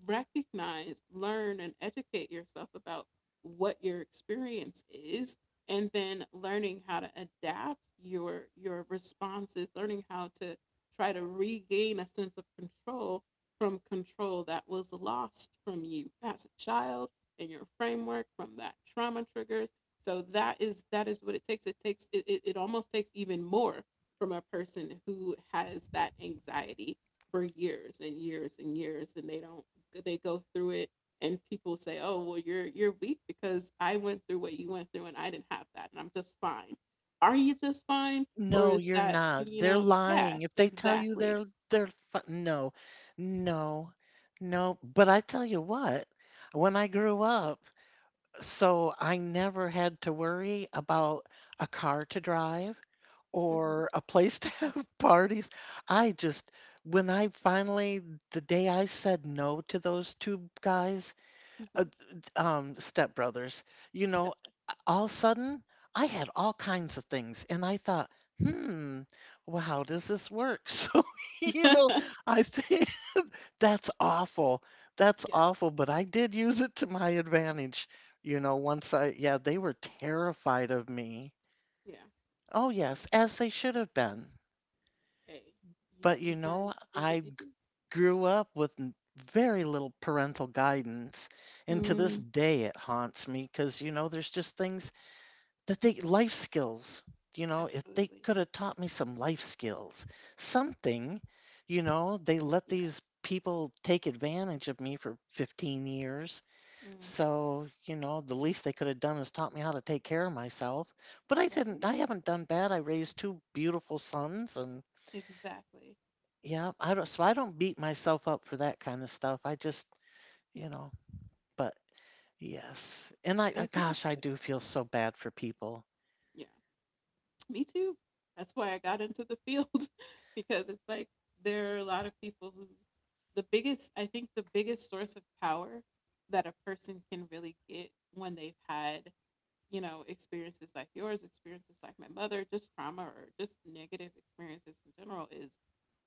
Speaker 1: recognize, learn, and educate yourself about what your experience is, and then learning how to adapt your responses, learning how to try to regain a sense of control from control that was lost from you as a child, and your framework from that trauma triggers. So that is what it almost takes even more from a person who has that anxiety for years and years and years, and they don't, they go through it, and people say, oh, well, you're weak because I went through what you went through and I didn't have that and I'm just fine. Are you just fine? Or
Speaker 2: No,
Speaker 1: is
Speaker 2: you're
Speaker 1: that,
Speaker 2: not.
Speaker 1: you
Speaker 2: They're
Speaker 1: know? Yeah,
Speaker 2: lying. If they tell you
Speaker 1: exactly.
Speaker 2: they're, no, no, no. But I tell you what, when I grew up, so I never had to worry about a car to drive
Speaker 1: Hmm.
Speaker 2: or a place to have parties. I just, when I finally, the day I said no to those two guys, uh,
Speaker 1: Hmm.
Speaker 2: stepbrothers, you know,
Speaker 1: Gotcha.
Speaker 2: all of a sudden I had all kinds of things. And I thought, hmm, well, how does this work? So, you know, I think. That's awful. That's
Speaker 1: Yeah.
Speaker 2: awful, but I did use it to my advantage. Yeah, they were terrified of me.
Speaker 1: Yeah.
Speaker 2: Oh, yes, as they should have been.
Speaker 1: Hey, you
Speaker 2: But,
Speaker 1: sometimes do
Speaker 2: I
Speaker 1: what you do.
Speaker 2: grew up with very little parental guidance. And to this
Speaker 1: Mm,
Speaker 2: day, it haunts me because, there's just things that life skills, if they
Speaker 1: absolutely.
Speaker 2: could have taught me some life skills, something, they let
Speaker 1: Yeah.
Speaker 2: these people take advantage of me for 15 years.
Speaker 1: Mm,
Speaker 2: So, the least they could have done is taught me how to take care of myself. But I didn't,
Speaker 1: right.
Speaker 2: I haven't done bad. I raised two beautiful sons, and
Speaker 1: Exactly.
Speaker 2: yeah, I don't, so I don't beat myself up for that kind of stuff. I just,
Speaker 1: Yeah.
Speaker 2: you know, but yes. And
Speaker 1: I think
Speaker 2: gosh,
Speaker 1: it's
Speaker 2: I
Speaker 1: good.
Speaker 2: do feel so bad for people.
Speaker 1: Yeah. Me too. That's why I got into the field, because it's like, there are a lot of people who, the biggest, I think the biggest source of power that a person can really get when they've had, you know, experiences like yours, experiences like my mother, just trauma or just negative experiences in general, is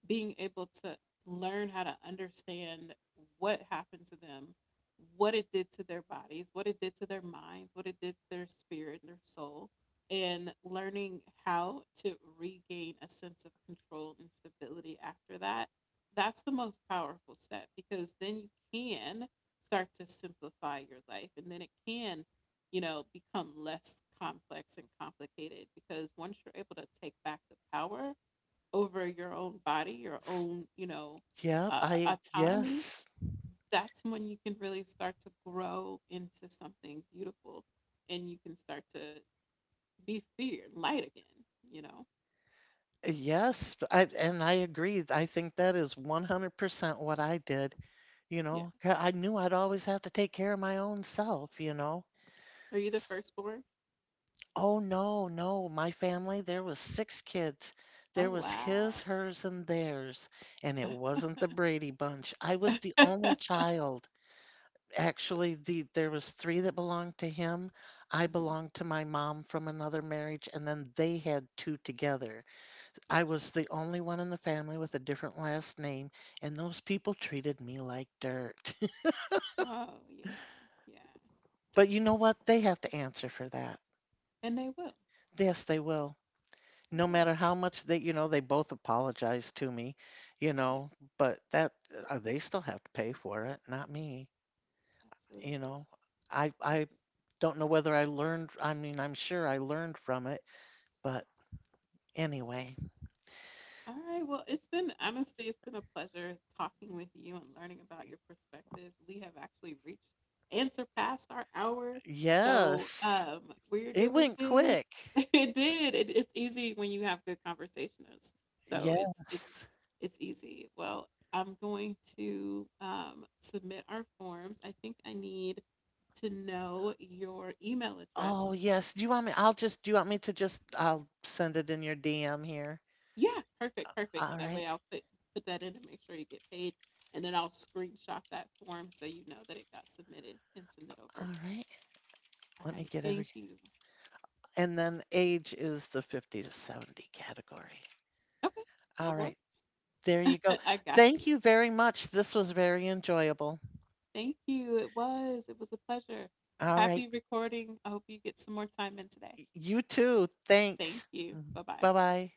Speaker 1: being able to learn how to understand what happened to them, what it did to their bodies, what it did to their minds, what it did to their spirit, their soul, and learning how to regain a sense of control and stability after that. That's the most powerful step, because then you can start to simplify your life and then it can, you know, become less complex and complicated, because once you're able to take back the power over your own body, your
Speaker 2: It's,
Speaker 1: own, you know,
Speaker 2: yeah,
Speaker 1: autonomy,
Speaker 2: yes,
Speaker 1: that's when you can really start to grow into something beautiful and you can start to be feared, light again, you know?
Speaker 2: yes. And I agree. I think that is 100% what I did.
Speaker 1: Yeah.
Speaker 2: 'Cause I knew I'd always have to take care of my own self.
Speaker 1: Are you the firstborn?
Speaker 2: Oh, no, no. My family, there was six kids.
Speaker 1: Oh,
Speaker 2: There was his,
Speaker 1: wow.
Speaker 2: hers, and theirs, and it wasn't the Brady bunch. I was the only child. Actually, there was three that belonged to him. I
Speaker 1: Hmm.
Speaker 2: belonged to my mom from another marriage, and then they had two together. I
Speaker 1: Gotcha.
Speaker 2: was the only one in the family with a different last name, and those people treated me like dirt.
Speaker 1: Oh, yeah. Yeah.
Speaker 2: But you know what? They have to answer for that.
Speaker 1: And they will.
Speaker 2: Yes, they will.
Speaker 1: They
Speaker 2: No
Speaker 1: will.
Speaker 2: matter how much they you know they both apologized to me, you
Speaker 1: Yeah,
Speaker 2: know but that they still have to pay for it, not me. you
Speaker 1: absolutely.
Speaker 2: know i i
Speaker 1: That's
Speaker 2: don't know whether I learned. I mean, I'm sure I learned from it. But anyway.
Speaker 1: All right. Well, it's been, honestly, it's been a pleasure talking with you and learning about your perspectives. We have actually reached and surpassed our hour. So
Speaker 2: Yes.
Speaker 1: we're
Speaker 2: It
Speaker 1: doing
Speaker 2: went
Speaker 1: good.
Speaker 2: quick.
Speaker 1: It did. It's easy when you have good conversationers. So it's it's
Speaker 2: Yes.
Speaker 1: it's easy. Well, I'm going to submit our forms. I think I need to know your email
Speaker 2: Oh,
Speaker 1: address.
Speaker 2: yes. Do you want me, I'll just, do you want me to just, I'll send it in your DM here.
Speaker 1: Yeah, perfect, perfect.
Speaker 2: All
Speaker 1: That
Speaker 2: right.
Speaker 1: way I'll put that in and make sure you get paid. And then I'll screenshot that form so you know that it got submitted and send it
Speaker 2: All
Speaker 1: over.
Speaker 2: right.
Speaker 1: All
Speaker 2: Let me
Speaker 1: right,
Speaker 2: get
Speaker 1: thank
Speaker 2: every,
Speaker 1: you.
Speaker 2: and then age is the 50 to 70 category.
Speaker 1: Okay, no
Speaker 2: All right.
Speaker 1: worries.
Speaker 2: There you go.
Speaker 1: I got
Speaker 2: Thank
Speaker 1: you.
Speaker 2: you very much. This was very enjoyable.
Speaker 1: Thank you. It was a pleasure.
Speaker 2: All right.
Speaker 1: Happy recording. I hope you get some more time in today.
Speaker 2: You too.
Speaker 1: Thank
Speaker 2: Thanks.
Speaker 1: you. Bye-bye.
Speaker 2: Bye bye.